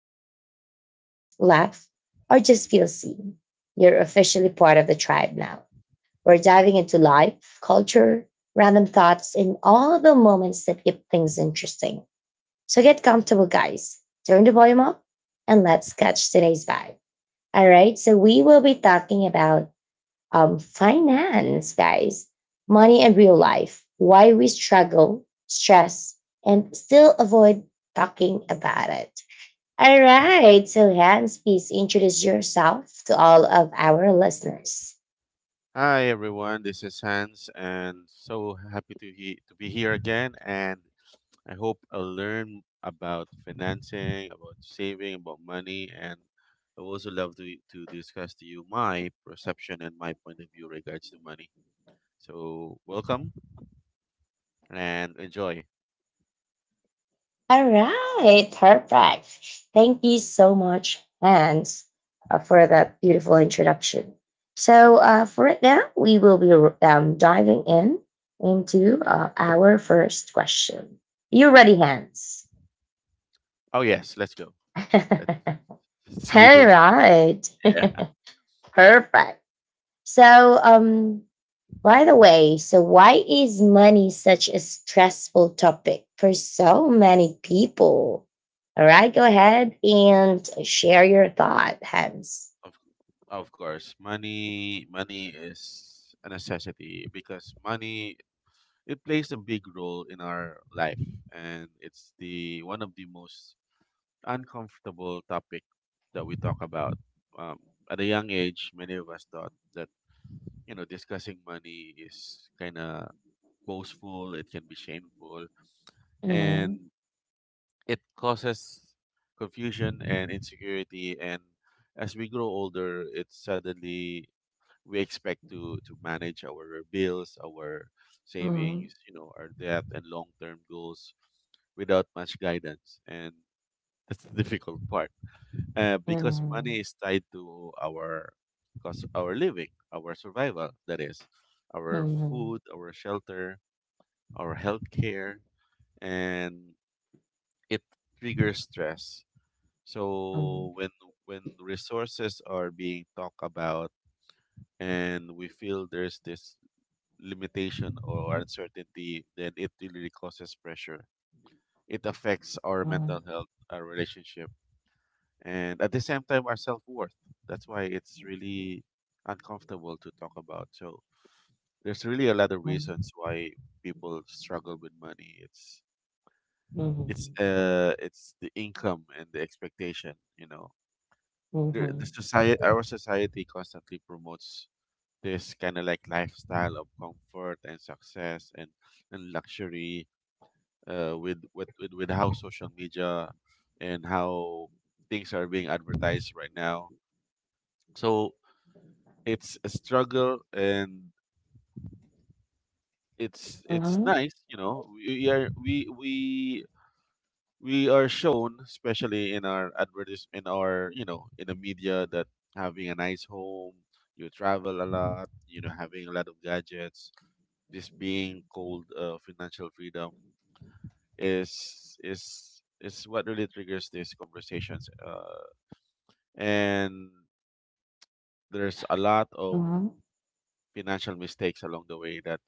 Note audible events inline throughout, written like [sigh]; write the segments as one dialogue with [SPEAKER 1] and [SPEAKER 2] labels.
[SPEAKER 1] tuning in to relax, laugh, or just feel seen, you're officially part of the tribe now. We're diving into life, culture, random thoughts, and all the moments that keep things interesting. So get comfortable, guys. Turn the volume up and let's catch today's vibe. All right. So we will be talking about finance, guys, money and real life, why we struggle, stress, and still avoid talking about it. All right. So, Hans, please introduce yourself to all of our listeners.
[SPEAKER 2] Hi everyone, this is Hans, and so happy to he to be here again. And I hope I'll learn about financing, about saving, about money, and I would also love to discuss to you my perception and my point of view regards to money. So welcome and enjoy.
[SPEAKER 1] All right, perfect. Thank you so much, Hans, for that beautiful introduction. So, for right now, we will be diving in into our first question. You ready, Hans?
[SPEAKER 2] Oh yes, let's go.
[SPEAKER 1] [laughs]
[SPEAKER 2] Let's
[SPEAKER 1] All
[SPEAKER 2] [laughs] see those.
[SPEAKER 1] right,
[SPEAKER 2] Yeah,
[SPEAKER 1] [laughs] perfect. So, by the way, so why is money such a stressful topic for so many people? All right, go ahead and share your thought, Hans.
[SPEAKER 2] of
[SPEAKER 1] [laughs]
[SPEAKER 2] of course, money is a necessity because money it plays a big role in our life and it's the one of the most uncomfortable topic that we talk about. um, at a young age, many of us thought that, you know, discussing money is kind of boastful, it can be shameful,
[SPEAKER 1] Mhm,
[SPEAKER 2] and it causes confusion and insecurity. And as we grow older, it suddenly, we expect to manage our bills, our
[SPEAKER 1] mhm,
[SPEAKER 2] savings, you know, our debt and long-term goals without much guidance, and that's the [laughs] difficult part. Because money is tied to our cost, our living, our survival. That is,
[SPEAKER 1] mhm,
[SPEAKER 2] our
[SPEAKER 1] mhm,
[SPEAKER 2] food, our shelter, our health care, and it triggers stress.
[SPEAKER 1] mhm,
[SPEAKER 2] So when resources are being talked about, and we feel there's this limitation or uncertainty, then it really causes pressure. It affects our
[SPEAKER 1] mhm,
[SPEAKER 2] mental health, our relationship, and at the same time, our self worth. That's why it's really uncomfortable to talk about. So there's really a lot of reasons why people struggle with money. It's it's
[SPEAKER 1] mhm,
[SPEAKER 2] uh it's the income and the expectation. You know, the, the
[SPEAKER 1] mhm,
[SPEAKER 2] society, our society constantly promotes this kind of like lifestyle of comfort and success and luxury with, with how social media and how things are being advertised right now. So it's a struggle, and it's
[SPEAKER 1] mhm,
[SPEAKER 2] nice, you know. We we are shown, especially in our you know, in the media, that having a nice home, you travel a lot, you know, having a lot of gadgets, this being called financial freedom, is is what really triggers these conversations. And there's a lot of
[SPEAKER 1] mhm,
[SPEAKER 2] financial mistakes along the way that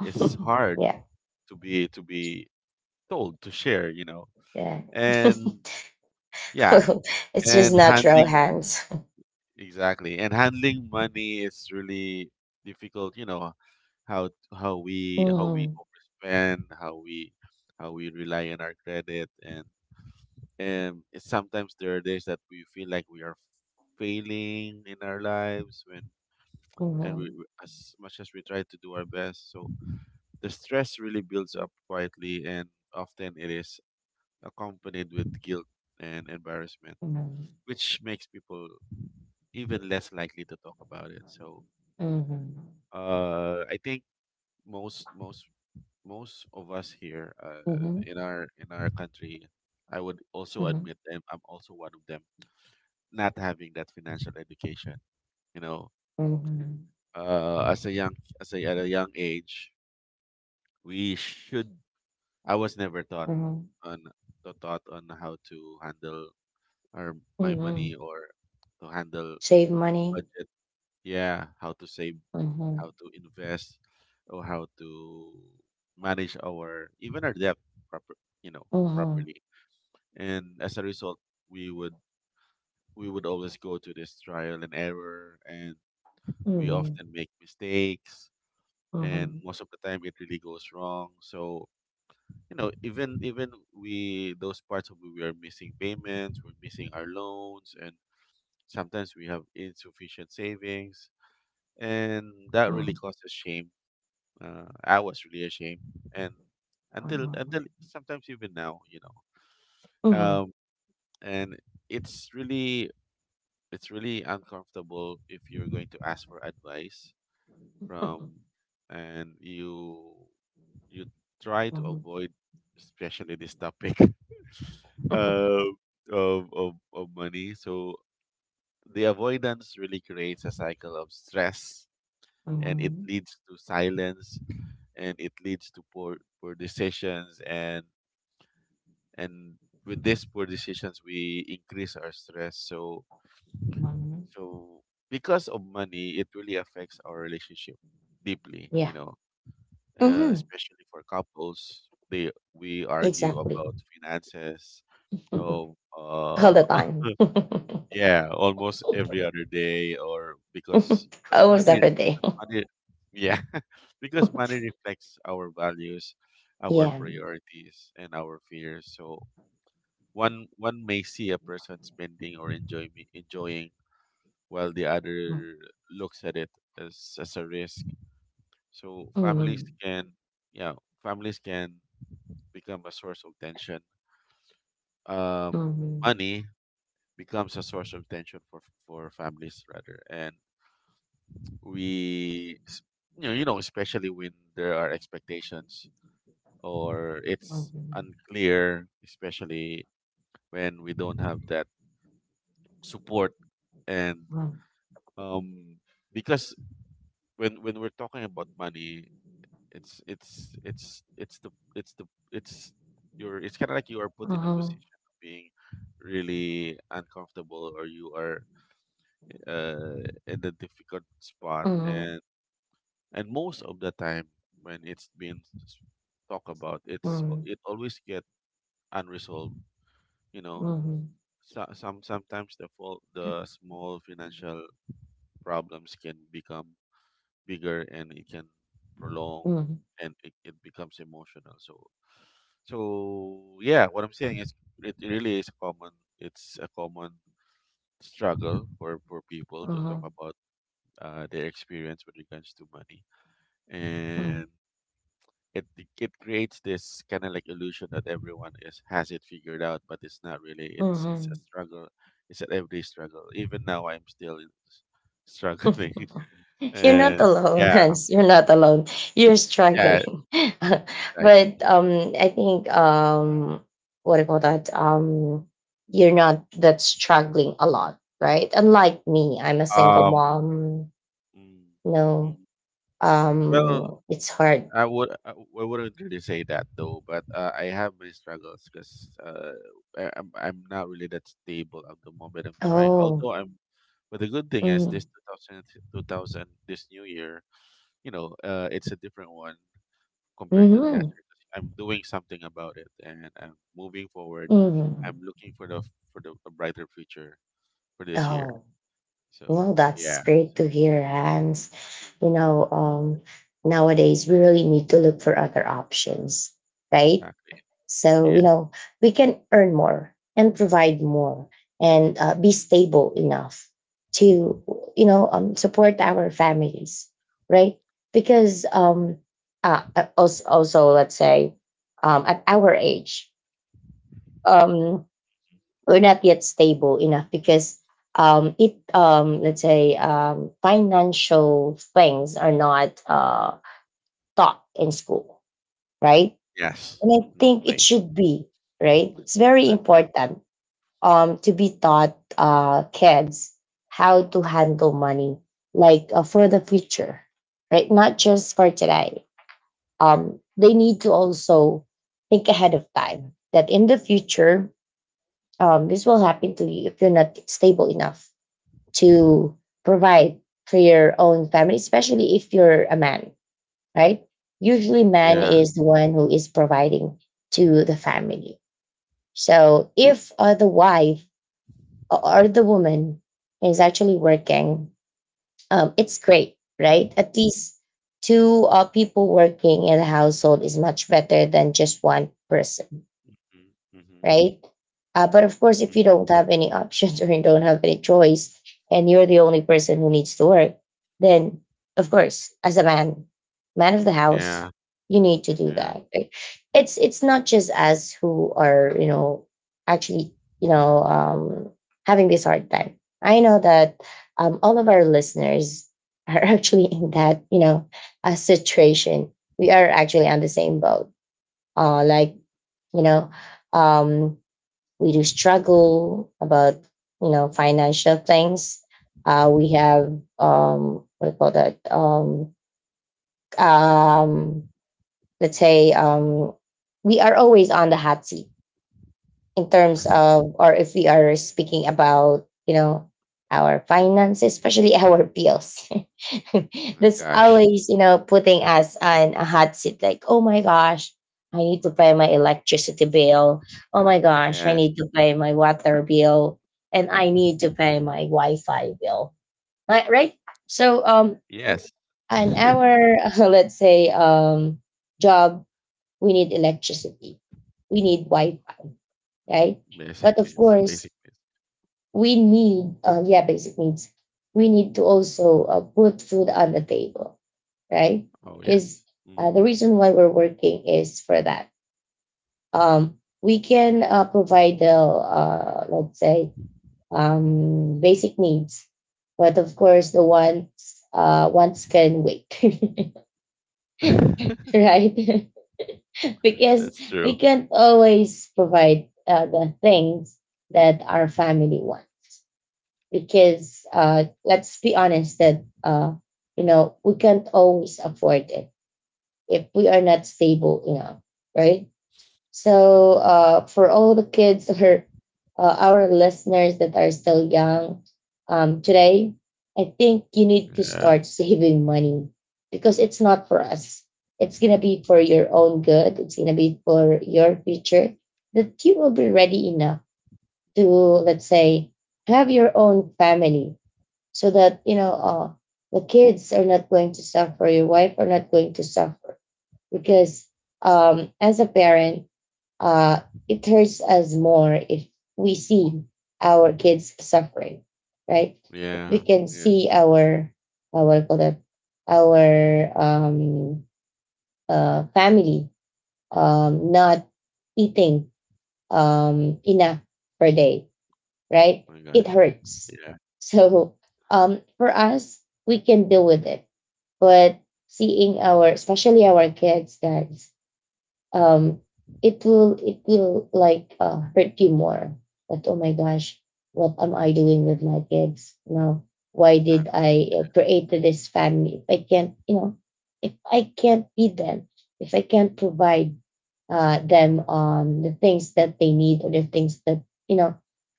[SPEAKER 2] it's
[SPEAKER 1] mhm. [laughs]
[SPEAKER 2] hard
[SPEAKER 1] Yeah,
[SPEAKER 2] to be told to share, you know,
[SPEAKER 1] yeah.
[SPEAKER 2] and yeah,
[SPEAKER 1] [laughs] It's just
[SPEAKER 2] and
[SPEAKER 1] natural,
[SPEAKER 2] handling.
[SPEAKER 1] Hans. [laughs]
[SPEAKER 2] Exactly. And handling money is really difficult, you know, how we
[SPEAKER 1] Mhm,
[SPEAKER 2] overspend, how we rely on our credit. And sometimes there are days that we feel like we are failing in our lives, when and
[SPEAKER 1] mhm,
[SPEAKER 2] as much as we try to do our best. So the stress really builds up quietly, and often it is accompanied with guilt and embarrassment,
[SPEAKER 1] mhm,
[SPEAKER 2] which makes people even less likely to talk about it. So
[SPEAKER 1] mhm,
[SPEAKER 2] I think most most most of us here
[SPEAKER 1] mhm,
[SPEAKER 2] in our country, I would also
[SPEAKER 1] mhm,
[SPEAKER 2] admit, and I'm also one of them, not having that financial education. You know,
[SPEAKER 1] mhm.
[SPEAKER 2] as a young, as a, at a young age, we should. I was never
[SPEAKER 1] Mhm.
[SPEAKER 2] on taught on how to handle our my money,
[SPEAKER 1] Mhm.
[SPEAKER 2] or to handle
[SPEAKER 1] Save money.
[SPEAKER 2] budget, yeah, how to save,
[SPEAKER 1] Mhm.
[SPEAKER 2] how to invest, or how to manage our even our debt proper, you know,
[SPEAKER 1] Mhm.
[SPEAKER 2] properly. And as a result, we would we would always go to this trial and error, and we
[SPEAKER 1] Mhm.
[SPEAKER 2] often make mistakes, and
[SPEAKER 1] Mhm.
[SPEAKER 2] most of the time it really goes wrong. So, you know, even we those parts of, we are missing payments, we're missing our loans, and sometimes we have insufficient savings, and that really
[SPEAKER 1] Mhm.
[SPEAKER 2] causes shame. I was really ashamed, and until
[SPEAKER 1] Mhm.
[SPEAKER 2] until sometimes even now, you know.
[SPEAKER 1] Mhm.
[SPEAKER 2] Um, and it's really, it's really uncomfortable if you're going to ask for advice from,
[SPEAKER 1] [laughs]
[SPEAKER 2] and you you try to
[SPEAKER 1] Mhm.
[SPEAKER 2] avoid, especially this topic, [laughs] uh,
[SPEAKER 1] [laughs]
[SPEAKER 2] of money. So the avoidance really creates a cycle of stress, and it
[SPEAKER 1] Mhm.
[SPEAKER 2] leads to silence, and it leads to poor decisions. And with these poor decisions, we increase our stress. So,
[SPEAKER 1] Mhm.
[SPEAKER 2] so because of money, it really affects our relationship deeply, you
[SPEAKER 1] Yeah.
[SPEAKER 2] know,
[SPEAKER 1] Hmm.
[SPEAKER 2] especially for couples, they we argue
[SPEAKER 1] Exactly.
[SPEAKER 2] about finances of
[SPEAKER 1] [laughs] All the time.
[SPEAKER 2] [laughs]
[SPEAKER 1] [laughs]
[SPEAKER 2] Yeah, almost every other day, or because
[SPEAKER 1] Almost every day. [laughs]
[SPEAKER 2] money yeah [laughs] because money reflects our values, our
[SPEAKER 1] Yeah.
[SPEAKER 2] priorities, and our fears. So one may see a person spending or enjoying, while the
[SPEAKER 1] Mm-hmm.
[SPEAKER 2] other looks at it as a risk. So families
[SPEAKER 1] Mm-hmm.
[SPEAKER 2] can, yeah, families can become a source of tension. Um, Money becomes a source of tension for families rather. And we you know, especially when there are expectations, or it's
[SPEAKER 1] Mm-hmm.
[SPEAKER 2] unclear, especially when we don't have that support. And
[SPEAKER 1] Mm-hmm.
[SPEAKER 2] um because when we're talking about money, it's it's it's it's the it's the it's you're, it's kind of like you are put in a
[SPEAKER 1] Mm-hmm.
[SPEAKER 2] position of being really uncomfortable, or you are in a difficult spot.
[SPEAKER 1] Mm-hmm.
[SPEAKER 2] And most of the time when it's been talked about, it's
[SPEAKER 1] Mm-hmm.
[SPEAKER 2] it always get unresolved, you know. So, sometimes the fault, the small financial problems can become bigger, and it can prolong,
[SPEAKER 1] Mm-hmm.
[SPEAKER 2] and it becomes emotional. So, so yeah, what I'm saying is, it really is a common, it's a common struggle for people to talk about their experience with regards to money. And it it creates this kind of like illusion that everyone is has it figured out, but it's not really. It's a
[SPEAKER 1] Mm-hmm.
[SPEAKER 2] struggle. It's an everyday struggle. Even now, I'm still struggling. [laughs]
[SPEAKER 1] You're not
[SPEAKER 2] And
[SPEAKER 1] alone, [laughs]
[SPEAKER 2] yeah,
[SPEAKER 1] Hans. You're not alone, you're
[SPEAKER 2] yeah,
[SPEAKER 1] struggling. [laughs] But
[SPEAKER 2] exactly.
[SPEAKER 1] I think, what do you call that, you're not that struggling a lot, right? Unlike me, I'm a single
[SPEAKER 2] Um,
[SPEAKER 1] mom.
[SPEAKER 2] mm,
[SPEAKER 1] No,
[SPEAKER 2] mm. Well,
[SPEAKER 1] it's hard.
[SPEAKER 2] I wouldn't really say that though, but I have my struggles because I'm not really that stable at the moment. I'm trying,
[SPEAKER 1] Oh.
[SPEAKER 2] although I'm. But the good thing is
[SPEAKER 1] Mm,
[SPEAKER 2] this two thousand this new year, you know, it's a different one compared to the last
[SPEAKER 1] mm,
[SPEAKER 2] year, 'cause I'm doing something about it, and I'm moving forward. I'm
[SPEAKER 1] mm.
[SPEAKER 2] looking for the, for the a brighter future for this year.
[SPEAKER 1] Oh, well,
[SPEAKER 2] So yeah,
[SPEAKER 1] that's great to
[SPEAKER 2] so
[SPEAKER 1] hear, Hans.
[SPEAKER 2] Mm.
[SPEAKER 1] You know, nowadays we really need to look for other options, right?
[SPEAKER 2] Exactly,
[SPEAKER 1] So, you
[SPEAKER 2] yeah,
[SPEAKER 1] know, we can earn more and provide more and be stable enough to, you know, support our families, right? Because also, also, let's say, at our age, um, we're not yet stable enough because, let's say, financial things are not taught in school, right?
[SPEAKER 2] yes,
[SPEAKER 1] And I
[SPEAKER 2] no
[SPEAKER 1] think it
[SPEAKER 2] way,
[SPEAKER 1] should be, right? It's very
[SPEAKER 2] that's true.
[SPEAKER 1] important to be taught, kids, how to handle money, like, for the future, right? Not just for today. They need to also think ahead of time that in the future, this will happen to you if you're not stable enough to provide for your own family, especially if you're a man, right? Usually, man
[SPEAKER 2] Yeah,
[SPEAKER 1] is the one who is providing to the family. So, if the wife or the woman is actually working, it's great, right? At least two people working in a household is much better than just one person,
[SPEAKER 2] mm-hmm.
[SPEAKER 1] right? But of course, if
[SPEAKER 2] Mm,
[SPEAKER 1] you don't have any options [laughs] or you don't have any choice, and you're the only person who needs to work, then of course, as a man, man of the house,
[SPEAKER 2] yeah,
[SPEAKER 1] you need to do
[SPEAKER 2] yeah.
[SPEAKER 1] that. Right? It's not just us who are, you know, actually, you know, having this hard time. I know that, all of our listeners are [laughs] actually in that, you know, a situation. We are actually on the same boat. Like, you know, um, we do struggle about, you know, financial things. Uh, we have, what do you call that, um let's say,
[SPEAKER 2] Mhm.
[SPEAKER 1] we are always on the hot seat in terms of, or if we are speaking about, you know, our finances, especially our bills. [laughs]
[SPEAKER 2] My
[SPEAKER 1] That's
[SPEAKER 2] gosh.
[SPEAKER 1] always, you know, putting
[SPEAKER 2] Huh.
[SPEAKER 1] us on a hot seat, like, oh my gosh, I need to pay my electricity bill, oh my gosh I
[SPEAKER 2] Yes,
[SPEAKER 1] need to pay my water bill, and I need to pay my wi-fi bill, right, right. So,
[SPEAKER 2] yes.
[SPEAKER 1] on
[SPEAKER 2] [laughs]
[SPEAKER 1] our [laughs] let's say, job, we need electricity, we need wi-fi, right?
[SPEAKER 2] Basic
[SPEAKER 1] But of
[SPEAKER 2] needs,
[SPEAKER 1] course,
[SPEAKER 2] basic needs.
[SPEAKER 1] we need, yeah, basic needs. We need to also put food on the table, right?
[SPEAKER 2] Oh
[SPEAKER 1] Because
[SPEAKER 2] yes, mm.
[SPEAKER 1] the reason why we're working is for that. We can provide the, let's say, basic needs, but of course, the ones, ones can wait, [laughs]
[SPEAKER 2] [laughs]
[SPEAKER 1] right? [laughs] Because
[SPEAKER 2] That's
[SPEAKER 1] we
[SPEAKER 2] true.
[SPEAKER 1] can't always provide the things that our family wants, because, let's be honest, that, you know, we can't always afford it if we are not stable enough, right? So, for all the kids or our listeners that are still young, today, I think you need to
[SPEAKER 2] Yeah,
[SPEAKER 1] start saving money, because it's not for us. It's gonna be for your own good. It's gonna be for your future, that you will be ready enough to, let's say, have your own family, so that, you know, the kids are not going to suffer, your wife are not going to suffer, because, as a parent, uh, it hurts us more if we see our kids suffering, right? If we
[SPEAKER 2] yeah,
[SPEAKER 1] can see
[SPEAKER 2] yes.
[SPEAKER 1] our, what do you call that, our, family, not eating enough per day, right?
[SPEAKER 2] My
[SPEAKER 1] It
[SPEAKER 2] gosh.
[SPEAKER 1] hurts.
[SPEAKER 2] Yeah,
[SPEAKER 1] So, for us, we can deal with it. But seeing our, especially our kids, guys, um, it will like hurt you more. That, oh my gosh, what am I doing with my kids? You know, why did
[SPEAKER 2] exactly.
[SPEAKER 1] I create this family? If I can't, you know, if I can't feed them, if I can't provide them, the things that they need or the things that, you know,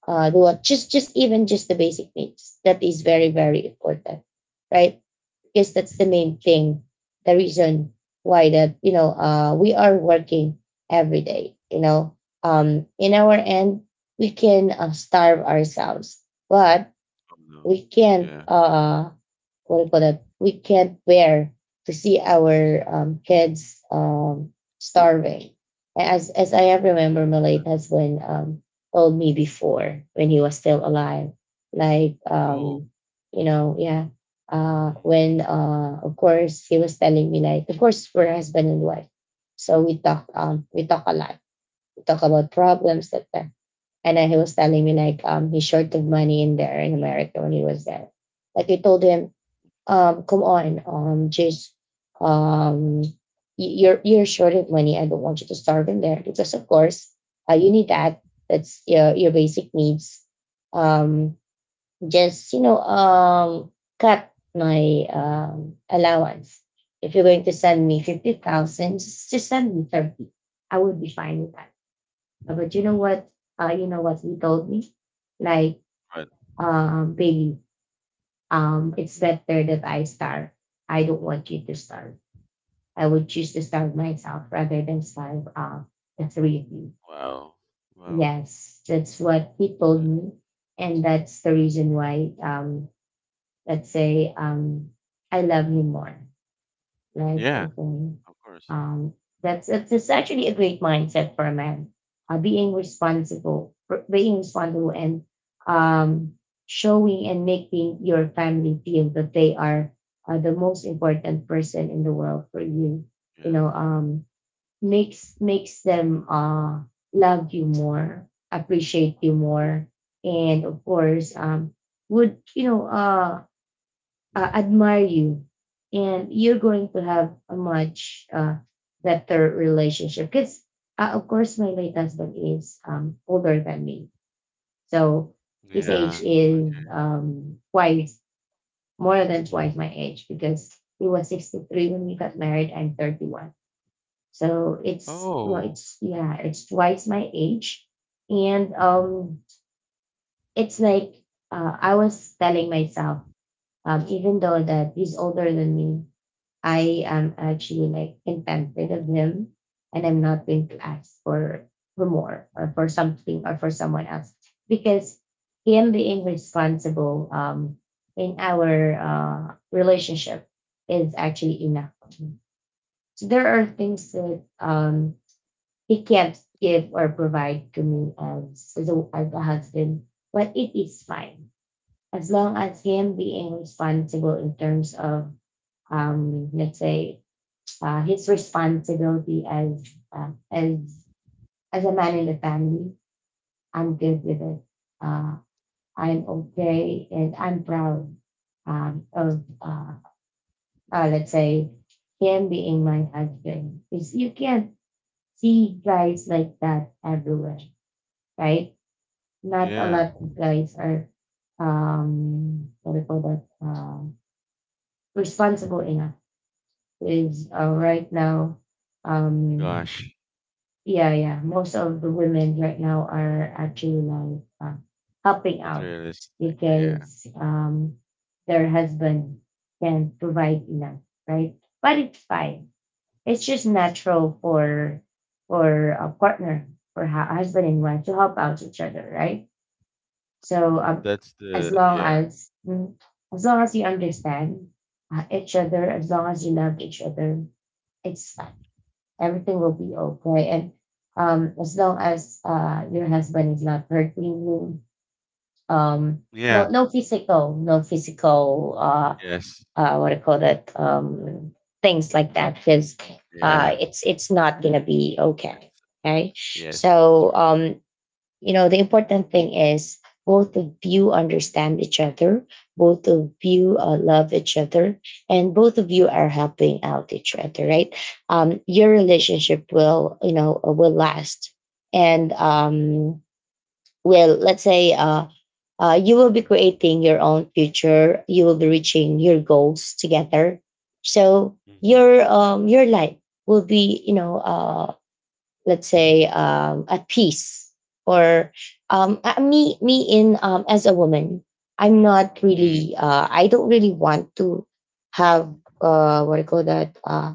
[SPEAKER 1] the what, just even just the basic needs, that is very very important, right? Because that's the main thing, the reason why that, you know, we are working every day, you know, in our end we can starve ourselves, but
[SPEAKER 2] Oh, no.
[SPEAKER 1] we can't,
[SPEAKER 2] Yeah,
[SPEAKER 1] what do you call that? We can't bear to see our, kids, starving. As I have remember, Malay late
[SPEAKER 2] that's
[SPEAKER 1] husband, told me before when he was still alive, like,
[SPEAKER 2] oh.
[SPEAKER 1] you know, yeah.
[SPEAKER 2] Mm,
[SPEAKER 1] When, of course he was telling me like, of course we're husband and wife, so we talk, we talk a lot. We talk about problems, that, and then he was telling me like, he's short of money in there, in America, when he was there. Like I told him, come on. Just, um, you're short of money. I don't want you to starve in there, because, of course, you need that. That's your basic needs. Um, just, you know, cut my, allowance. If you're going to send me 50,000, just send me 30. I would be fine with that. But you know
[SPEAKER 2] mm,
[SPEAKER 1] what? You know what he told me, like,
[SPEAKER 2] but
[SPEAKER 1] Bailey, it's better that I starve. I don't want you to starve. I would choose to starve myself rather than starve, the three of you.
[SPEAKER 2] wow. Wow!
[SPEAKER 1] Yes,
[SPEAKER 2] You know,
[SPEAKER 1] that's what he told
[SPEAKER 2] yeah.
[SPEAKER 1] me. And that's the reason why, let's say, I love him more, right?
[SPEAKER 2] Yeah,
[SPEAKER 1] Performing.
[SPEAKER 2] of course.
[SPEAKER 1] Um, that's, it's actually a great mindset for a man. Being responsible, being responsible, and, um, showing and making your family feel that they are, the most important person in the world for you. You know,
[SPEAKER 2] Yes.
[SPEAKER 1] makes, them, love you more, appreciate you more, and of course, would, you know, admire you, and you're going to have a much, better relationship. Because, of course my late husband is, older than me, so his age
[SPEAKER 2] Yeah.
[SPEAKER 1] is,
[SPEAKER 2] Okay.
[SPEAKER 1] twice, more than twice
[SPEAKER 2] Mm.
[SPEAKER 1] my age, because he was 63 when we got married, I'm 31. So it's, well,
[SPEAKER 2] Oh.
[SPEAKER 1] it's, yeah, it's twice my age. And, it's like, I was telling myself, even though that he's older than me, I am actually like contented of him, and I'm not going to ask for, more, or for something, or for someone else, because him being responsible, in our
[SPEAKER 2] Mm.
[SPEAKER 1] uh relationship is actually enough for me. So there are things that, he can't give or provide to me as, as a husband, but it is fine as long as him being responsible in terms of, let's say, his responsibility as, uh, as as a man in the family. I'm good with it. Uh, I'm okay, and I'm proud, of let's say, him being my husband. Because you can't see guys like that everywhere, right? Not a
[SPEAKER 2] Yeah.
[SPEAKER 1] lot of guys are, what do you call that, responsible enough. Is, right now, um
[SPEAKER 2] Gosh.
[SPEAKER 1] yeah, yeah. Most of the women right now are actually like, helping out
[SPEAKER 2] Materialistic. Yeah.
[SPEAKER 1] because, their husband can provide enough, right? But it's fine. It's just natural for a partner, for husband and wife to help out each other, right?
[SPEAKER 2] Mm,
[SPEAKER 1] So
[SPEAKER 2] that's
[SPEAKER 1] as
[SPEAKER 2] the
[SPEAKER 1] long
[SPEAKER 2] yeah.
[SPEAKER 1] as mm, as long as you understand each other,
[SPEAKER 2] Mm.
[SPEAKER 1] as long as you love each other, it's everything will be okay. And as long as your husband is not hurting you, um, no,
[SPEAKER 2] Yeah.
[SPEAKER 1] no physical,
[SPEAKER 2] Yes.
[SPEAKER 1] what do you call that, things like that, because
[SPEAKER 2] Yeah.
[SPEAKER 1] it's not gonna be okay.
[SPEAKER 2] It's,
[SPEAKER 1] Okay,
[SPEAKER 2] yes, that's
[SPEAKER 1] so
[SPEAKER 2] true.
[SPEAKER 1] the important thing is both of you understand each other, both of you love each other, and both of you are helping out each other, right? Your relationship will will last. And will, let's say, you will be creating your own future. You will be reaching your goals together. So
[SPEAKER 2] Hmm.
[SPEAKER 1] your life will be, let's say, at peace. Or me me in as a woman,
[SPEAKER 2] Mm.
[SPEAKER 1] I don't really want to have what I call that, uh,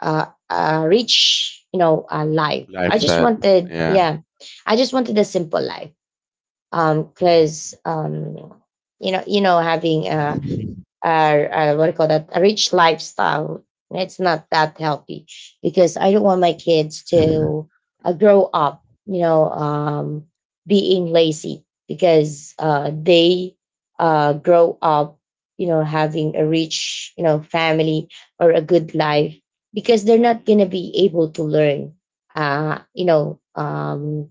[SPEAKER 1] uh, uh, rich, life.
[SPEAKER 2] Lifestyle. Yeah.
[SPEAKER 1] I just wanted a simple life, because you know having a, uh, what do you call that, a rich lifestyle. It's not that healthy because I don't want my kids to grow up, being lazy, because they grow up, having a rich, family or a good life,
[SPEAKER 2] Mm-hmm.
[SPEAKER 1] because they're not going to be able to learn, uh, you know, um,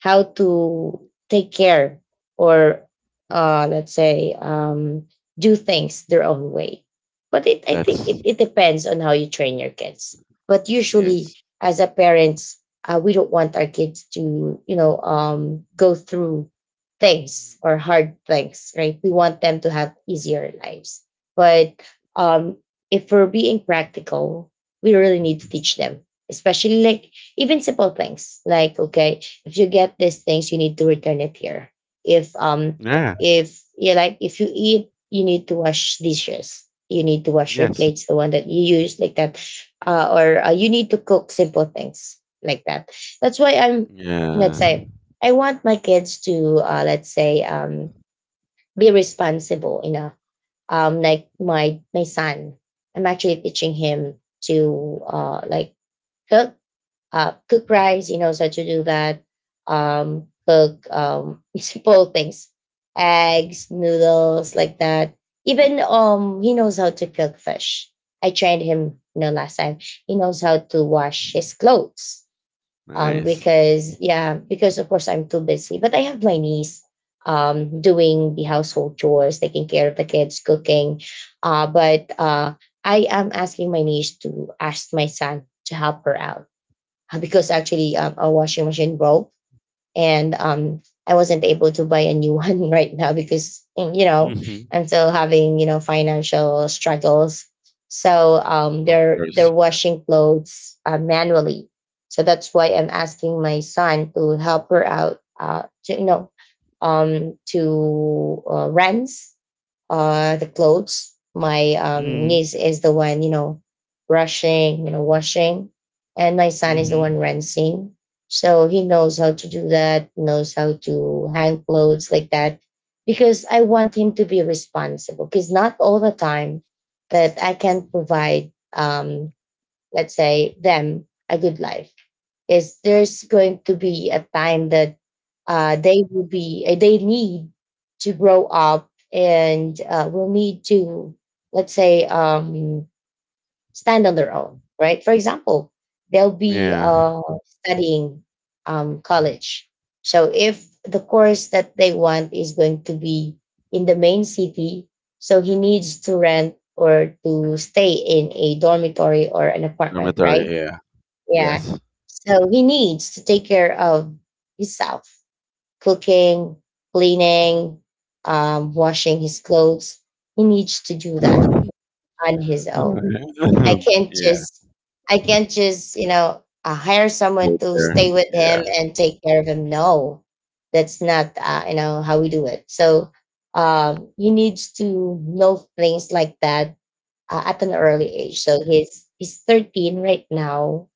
[SPEAKER 1] how to take care, or let's say, do things their own way. But I think
[SPEAKER 2] That's
[SPEAKER 1] it depends on how you train your kids. But usually,
[SPEAKER 2] yes.
[SPEAKER 1] as a parents, we don't want our kids to, go through things, or hard things, right? We want them to have easier lives. But um, if we're being practical, we really need to teach them, especially like even simple things like, okay, if you get these things, you need to return it here. If um
[SPEAKER 2] Yeah.
[SPEAKER 1] if you eat, you need to wash dishes. You need to wash your
[SPEAKER 2] Yes.
[SPEAKER 1] plates, the one that you use, like that, or you need to cook simple things like that. That's why I'm let's
[SPEAKER 2] Yeah.
[SPEAKER 1] say I want my kids to, let's say, be responsible. You know, like my son, I'm actually teaching him to, like, cook, cook rice. He knows how to do that. Cook, [laughs] simple things: eggs, noodles, like that. Even, he knows how to cook fish. I trained him, last time. He knows how to wash his clothes. Um,
[SPEAKER 2] Nice.
[SPEAKER 1] because
[SPEAKER 2] Hmm.
[SPEAKER 1] yeah, because of course I'm too busy. But I have my niece doing the household chores, taking care of the kids, cooking. But I am asking my niece to ask my son to help her out, because actually, our washing machine broke and, I wasn't able to buy a new [laughs] one right now because,
[SPEAKER 2] Hmm.
[SPEAKER 1] I'm still having, financial struggles. So
[SPEAKER 2] Of
[SPEAKER 1] they're
[SPEAKER 2] course.
[SPEAKER 1] they're washing clothes, manually. So that's why I'm asking my son to help her out, to, rents the clothes. My
[SPEAKER 2] Mm.
[SPEAKER 1] niece is the one, brushing, washing, and my son is the
[SPEAKER 2] Hmm.
[SPEAKER 1] one rinsing. So he knows how to do that, knows how to hang clothes, like that. Because I want him to be responsible. Because not all the time that I can provide let's say them a good life. Is there's going to be a time that, they will be they need to grow up, and will need to, let's say, stand on their own, right? For example, they'll be,
[SPEAKER 2] Yeah.
[SPEAKER 1] studying, college. So if the course that they want is going to be in the main city, so he needs to rent or to stay in a dormitory or an apartment,
[SPEAKER 2] Dormitory.
[SPEAKER 1] right?
[SPEAKER 2] Yeah.
[SPEAKER 1] Yeah.
[SPEAKER 2] Yes.
[SPEAKER 1] So he needs to take care of himself: cooking, cleaning, washing his clothes. He needs to do
[SPEAKER 2] [laughs]
[SPEAKER 1] that on his own. I can't
[SPEAKER 2] Yeah.
[SPEAKER 1] just I can't just hire someone
[SPEAKER 2] Go
[SPEAKER 1] to
[SPEAKER 2] there.
[SPEAKER 1] stay with him
[SPEAKER 2] Yeah.
[SPEAKER 1] and take care of him. No, that's not, you know how we do it. So he needs to know things like that, at an early age. So he's 13 right now,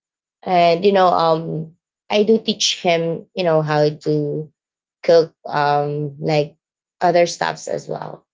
[SPEAKER 1] and I do teach him, you know, how to cook, like, other stuffs as well,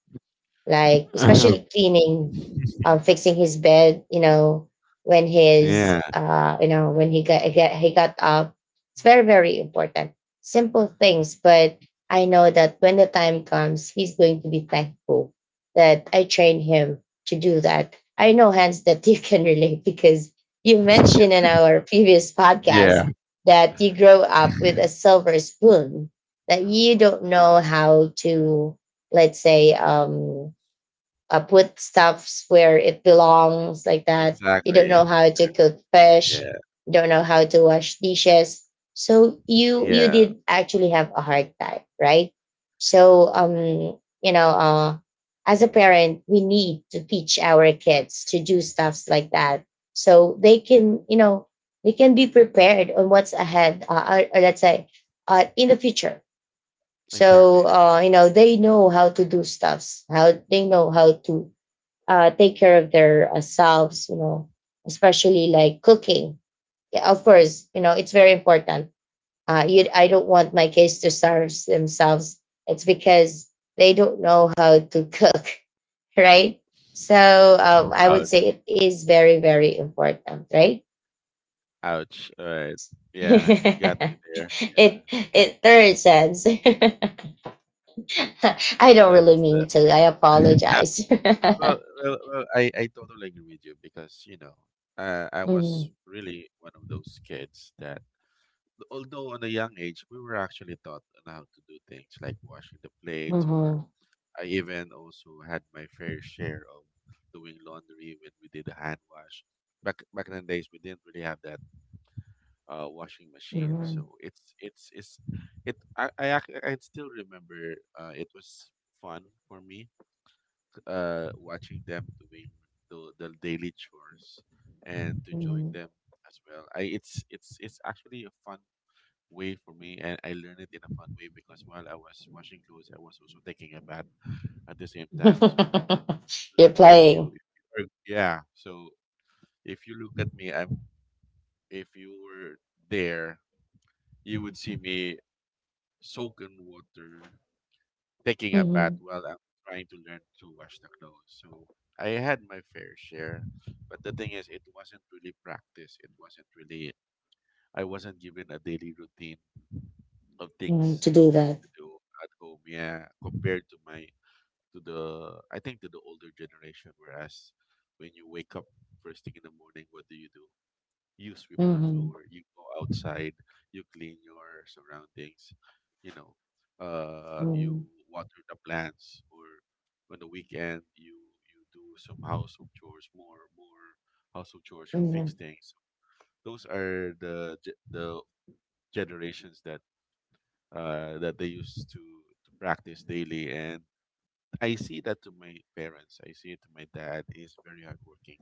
[SPEAKER 1] like especially
[SPEAKER 2] [laughs]
[SPEAKER 1] cleaning, fixing his bed. You know, when his
[SPEAKER 2] Yeah.
[SPEAKER 1] uh, you know, when he got up, it's very very important. Simple things, but I know that when the time comes, he's going to be thankful that I trained him to do that. I know, Hans, that you [laughs] can relate, because you mentioned in our previous podcast
[SPEAKER 2] Yeah.
[SPEAKER 1] that you grow up with a silver spoon, that you don't know how to, let's say, put stuffs where it belongs, like that. You don't know
[SPEAKER 2] Exactly.
[SPEAKER 1] how to cook fish.
[SPEAKER 2] Yeah.
[SPEAKER 1] You don't know how to wash dishes. So you
[SPEAKER 2] Yeah.
[SPEAKER 1] did actually have a hard time, right? So as a parent, we need to teach our kids to do stuffs like that, so they can be prepared on what's ahead, or let's say, in the future. So
[SPEAKER 2] Exactly.
[SPEAKER 1] they know how to do stuffs. How They know how to, take care of their, selves, especially like cooking. Yeah, of course, it's very important. I don't want my kids to starve themselves. It's because they don't know how to cook, [laughs] right? So I
[SPEAKER 2] Ouch.
[SPEAKER 1] would say it is very, very important, right?
[SPEAKER 2] Ouch. All right.
[SPEAKER 1] [laughs]
[SPEAKER 2] Yeah. You got me
[SPEAKER 1] it
[SPEAKER 2] there. Yeah.
[SPEAKER 1] it third sense. [laughs] I don't really
[SPEAKER 2] That's the.
[SPEAKER 1] mean to. I
[SPEAKER 2] [laughs]
[SPEAKER 1] apologize.
[SPEAKER 2] Well,
[SPEAKER 1] [laughs]
[SPEAKER 2] well, well, I totally agree with you because, you know, I was
[SPEAKER 1] Mhm,
[SPEAKER 2] really one of those kids that, although on a young age, we were actually taught on how to do things like washing the plates, or
[SPEAKER 1] mhm,
[SPEAKER 2] I even also had my fair share of doing laundry when we did a hand wash. Back in the days, we didn't really have that washing machine, so
[SPEAKER 1] mhm,
[SPEAKER 2] it. I still remember it was fun for me, watching them doing the daily chores, and to join
[SPEAKER 1] mhm.
[SPEAKER 2] them as well. I, it's actually a fun way for me, and I learned it in a fun way, because while I was washing clothes, I was also taking a bath at the same
[SPEAKER 1] [laughs]
[SPEAKER 2] time. So look,
[SPEAKER 1] You're playing.
[SPEAKER 2] if you are, yeah, so if you look at me, I'm, if you were there, you would see me soak in water, taking a bath
[SPEAKER 1] Mhm,
[SPEAKER 2] while I'm trying to learn to wash the clothes. So I had my fair share, but the thing is, it wasn't really practice. It wasn't really. I wasn't given a daily routine of
[SPEAKER 1] mhm,
[SPEAKER 2] things
[SPEAKER 1] to do that.
[SPEAKER 2] to do at home. Yeah, compared to my, to the, I think to the older generation. Whereas when you wake up first thing in the morning, what do you do? You sweep the
[SPEAKER 1] Mhm,
[SPEAKER 2] floor, you go outside, you clean your surroundings, you know, you
[SPEAKER 1] mhm,
[SPEAKER 2] water the plants. Or on the weekend you, you do some household chores, more household chores, you fix
[SPEAKER 1] mhm,
[SPEAKER 2] things. Those are the generations that that they used to practice daily. And I see that to my parents. I see it to my dad. He's very hardworking.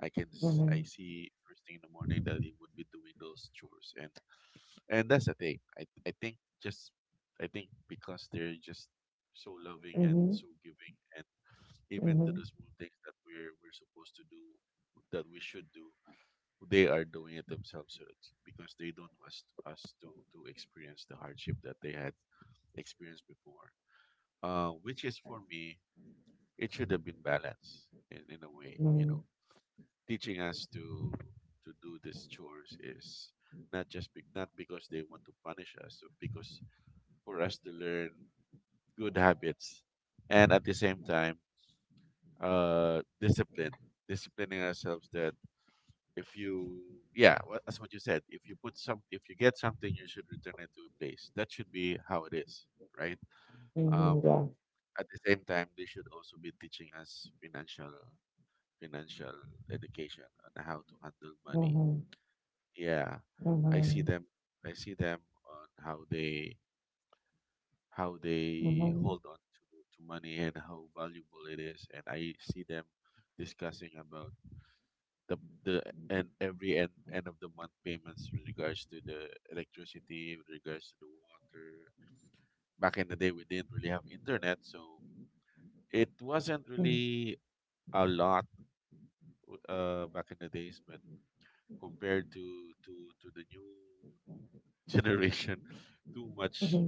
[SPEAKER 2] I can I
[SPEAKER 1] mhm,
[SPEAKER 2] see first thing in the morning that he would be doing those chores. And that's the thing. I think, just, I think because they're just so loving and
[SPEAKER 1] mhm,
[SPEAKER 2] so giving, and even to the
[SPEAKER 1] mhm,
[SPEAKER 2] small things that we're supposed to do, that we should do, they are doing it themselves, so it's because they don't want us to experience the hardship that they had experienced before. Which is, for me, it should have been balanced in a way, you
[SPEAKER 1] mhm,
[SPEAKER 2] know, teaching us to do these chores is not just be, not because they want to punish us, but because for us to learn good habits. And at the same time, discipline, disciplining ourselves that if you yeah, wha- that's what you said. If you put some, if you get something, you should return it to a place. That should be how it is, right?
[SPEAKER 1] mhm,
[SPEAKER 2] Um,
[SPEAKER 1] yeah.
[SPEAKER 2] at the same time, they should also be teaching us financial education on how to handle money.
[SPEAKER 1] Mhm,
[SPEAKER 2] Yeah, I see
[SPEAKER 1] mhm,
[SPEAKER 2] them. I see them on how they
[SPEAKER 1] mhm, mhm,
[SPEAKER 2] hold on to money and how valuable it is, and I see them discussing about the the and every end of the month payments with regards to the electricity, with regards to the water. Back in the day, we didn't really have internet, so it wasn't really a lot, back in the days, but compared to the new [laughs] generation, too much,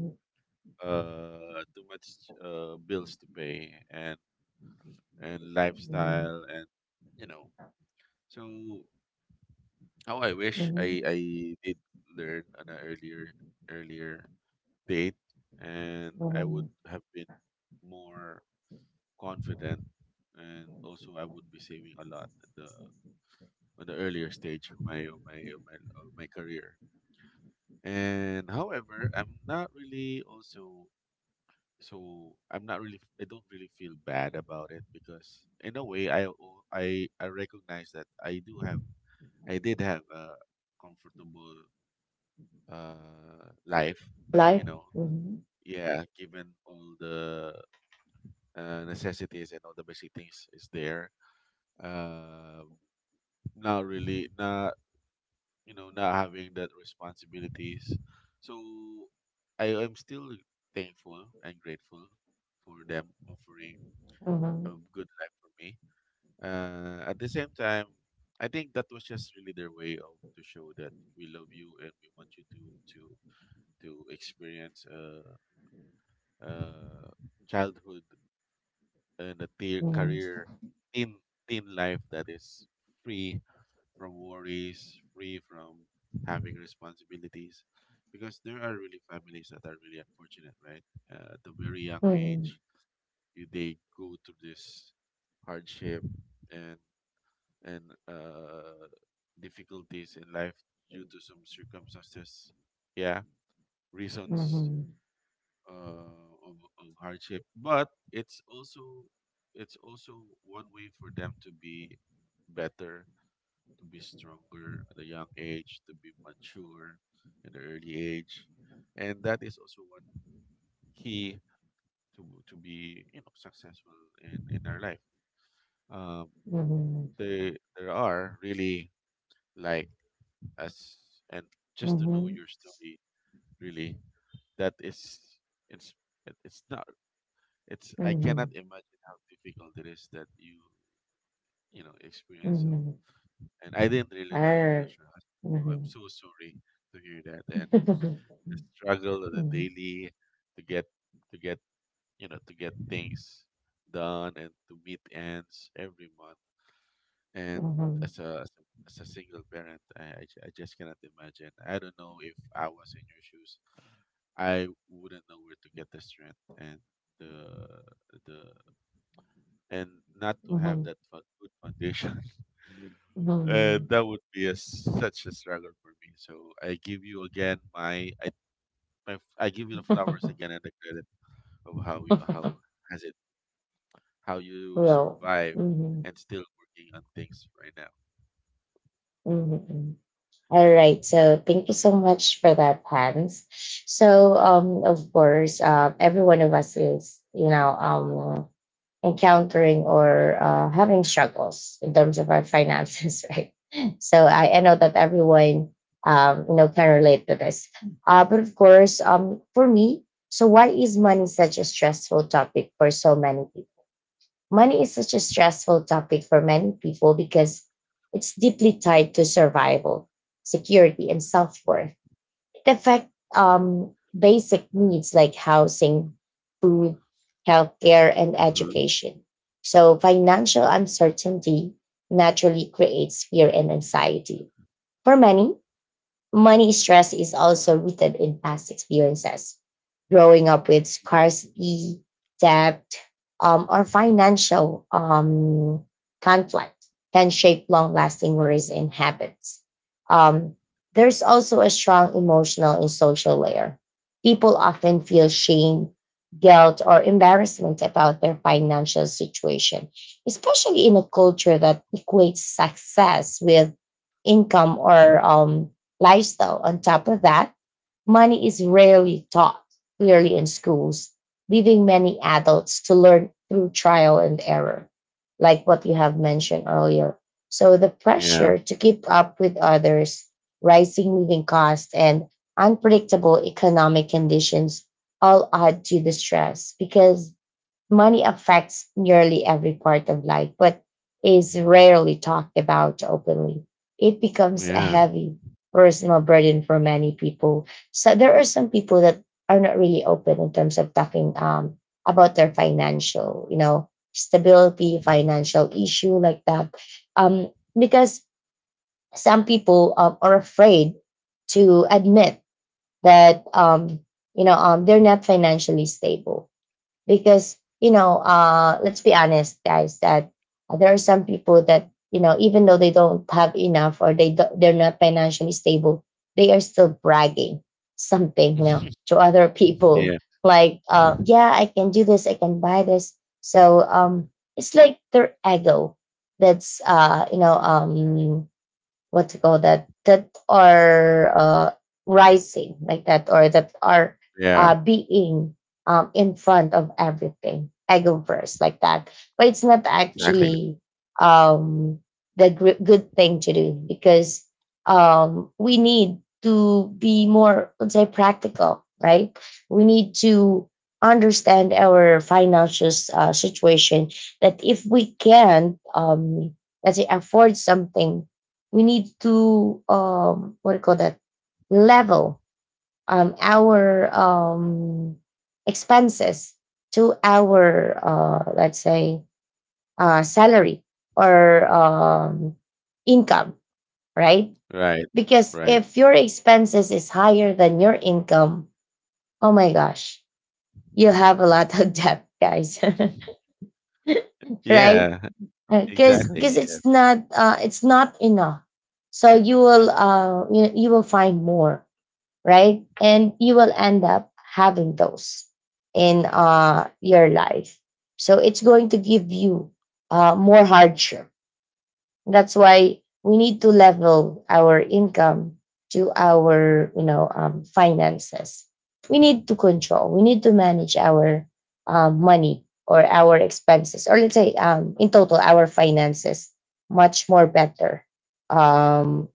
[SPEAKER 2] uh too much bills to pay, and
[SPEAKER 1] mhm,
[SPEAKER 2] lifestyle and, you know, so how I
[SPEAKER 1] mhm,
[SPEAKER 2] wish
[SPEAKER 1] mhm,
[SPEAKER 2] I did learn on an earlier, earlier date, and I would
[SPEAKER 1] mhm.
[SPEAKER 2] have been more confident. And also I would be saving a lot in the earlier stage of my career. And however, I'm not really also, so I'm not really, I don't really feel bad about it because in a way, I recognize that I do have I did have a comfortable life, you
[SPEAKER 1] Life.
[SPEAKER 2] know.
[SPEAKER 1] Mhm,
[SPEAKER 2] Yeah, given all the necessities and all the basic things is there. Uh not really not You know, not having that responsibilities, so I am still thankful and grateful for them offering a
[SPEAKER 1] mhm,
[SPEAKER 2] good life for me. At the same time, I think that was just really their way of to show that we love you and we want you to experience, uh, childhood and a teen
[SPEAKER 1] mhm,
[SPEAKER 2] career, teen teen life that is free from worries, free from having responsibilities, because there are really families that are really unfortunate, right? At a very young
[SPEAKER 1] mhm,
[SPEAKER 2] age, they go through this hardship, and and uh, difficulties in life due to some circumstances. Yeah, reasons,
[SPEAKER 1] mhm,
[SPEAKER 2] uh, of hardship, but it's also, it's also one way for them to be better, to be stronger at a young age, to be mature at an early age, and that is also one key to be, you know, successful in our life. Um, there are really like, as and, just to know
[SPEAKER 1] mhm,
[SPEAKER 2] your story, really, that is, it's it's not, it's
[SPEAKER 1] mhm,
[SPEAKER 2] I cannot
[SPEAKER 1] mhm,
[SPEAKER 2] imagine how difficult it is that you know, experience so.
[SPEAKER 1] mhm.
[SPEAKER 2] And I didn't really know you
[SPEAKER 1] Err.
[SPEAKER 2] lost your husband, so I'm
[SPEAKER 1] Mhm.
[SPEAKER 2] so sorry to hear that. And
[SPEAKER 1] [laughs]
[SPEAKER 2] the struggle of the
[SPEAKER 1] Mhm,
[SPEAKER 2] daily, to get to get, you know, to get things done and to meet ends every month, and
[SPEAKER 1] mhm,
[SPEAKER 2] as a, as a single parent, I just cannot imagine. I don't know if I was in your shoes, I wouldn't know where to get the strength and the the and not to have
[SPEAKER 1] mhm,
[SPEAKER 2] that good foundation.
[SPEAKER 1] mhm.
[SPEAKER 2] [laughs]
[SPEAKER 1] Mhm.
[SPEAKER 2] That would be a, such a struggle for me. So I give you again I give you the flowers
[SPEAKER 1] [laughs]
[SPEAKER 2] again and the credit of how
[SPEAKER 1] [laughs]
[SPEAKER 2] has it how you
[SPEAKER 1] Well,
[SPEAKER 2] survive
[SPEAKER 1] mhm,
[SPEAKER 2] and still working on things right now.
[SPEAKER 1] mhm, mhm. All right. So thank you so much for that, Hans. So, of course, every one of us is, encountering, or having struggles in terms of our finances, [laughs] right? So I know that everyone, can relate to this. But of course, for me, so why is money such a stressful topic for so many? Money is such a stressful topic for many people because it's deeply tied to survival, security, and self worth. It affects, basic needs like housing, food, healthcare, and
[SPEAKER 2] Mhm.
[SPEAKER 1] education. So, financial uncertainty naturally creates fear and anxiety. For many, money stress is also rooted in past experiences: growing up with scarcity, debt, or financial conflict can shape long-lasting worries and habits. Um, there's also a strong emotional and social layer. People often feel shame, guilt, or embarrassment about their financial situation, especially in a culture that equates success with income or, lifestyle. On top of that, money is rarely taught clearly in schools, leaving many adults to learn through trial and error, like what you have mentioned earlier. So the
[SPEAKER 2] Yeah.
[SPEAKER 1] pressure to keep up with others, rising living costs, and unpredictable economic conditions all add to the stress, because money affects nearly every part of life but is rarely talked about openly. It becomes a
[SPEAKER 2] Yeah.
[SPEAKER 1] heavy personal burden for many people. So there are some people that are not really open in terms of talking, about their financial, stability, financial issue, like that. Um, because some people are afraid to admit that they're not financially stable because let's be honest, guys, that there are some people that, you know, even though they don't have enough or they they're not financially stable, they are still bragging something, you know,
[SPEAKER 2] [laughs]
[SPEAKER 1] to other
[SPEAKER 2] Yeah.
[SPEAKER 1] people, like yeah, I can do this, I can buy this. So it's like their ego that's you know, what to call that, that are rising like that, or that are
[SPEAKER 2] Yeah.
[SPEAKER 1] being in front of everything, ego first like that. But it's not
[SPEAKER 2] Exactly.
[SPEAKER 1] actually um, the good thing to do, because we need to be more, let's say, practical, right? We need to understand our financial situation, that if we can let's say afford something, we need to, um, what do you call that, level our expenses to our, let's say, salary or income, right?
[SPEAKER 2] Right.
[SPEAKER 1] Because
[SPEAKER 2] Right.
[SPEAKER 1] if your expenses is higher than your income, oh my gosh, you have a lot of debt, guys. [laughs] Right?
[SPEAKER 2] Yeah.
[SPEAKER 1] because
[SPEAKER 2] Exactly.
[SPEAKER 1] because
[SPEAKER 2] Yes. Yes.
[SPEAKER 1] it's not enough. So you will you will find more, right? And you will end up having those in your life. So it's going to give you more hardship. That's why we need to level our income to our, you know, finances. We need to control. We need to manage our money or our expenses, or let's say, in total, our finances much more better. Um,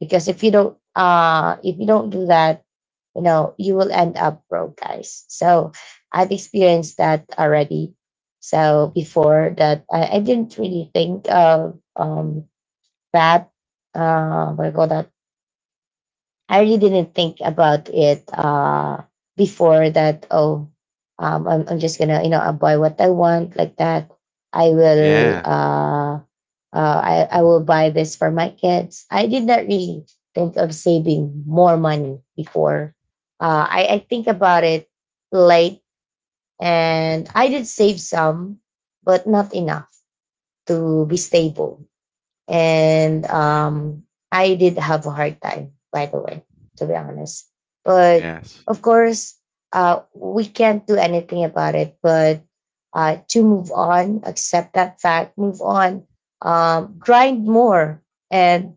[SPEAKER 1] because
[SPEAKER 2] Mhm.
[SPEAKER 1] if you don't do that, you know, you will end up broke, guys. So I've experienced that already. So before that, I didn't really think of that, what do you call that, I really didn't think about it. Before that oh I'm just gonna, you know, buy what I want like that. I will
[SPEAKER 2] Yeah.
[SPEAKER 1] I will buy this for my kids. I did not really think of saving more money before. I think about it late, and I did save some, but not enough to be stable. And I did have a hard time, by the way, to be honest. But
[SPEAKER 2] Yes.
[SPEAKER 1] of course, we can't do anything about it. But to move on, accept that fact, move on, grind more, and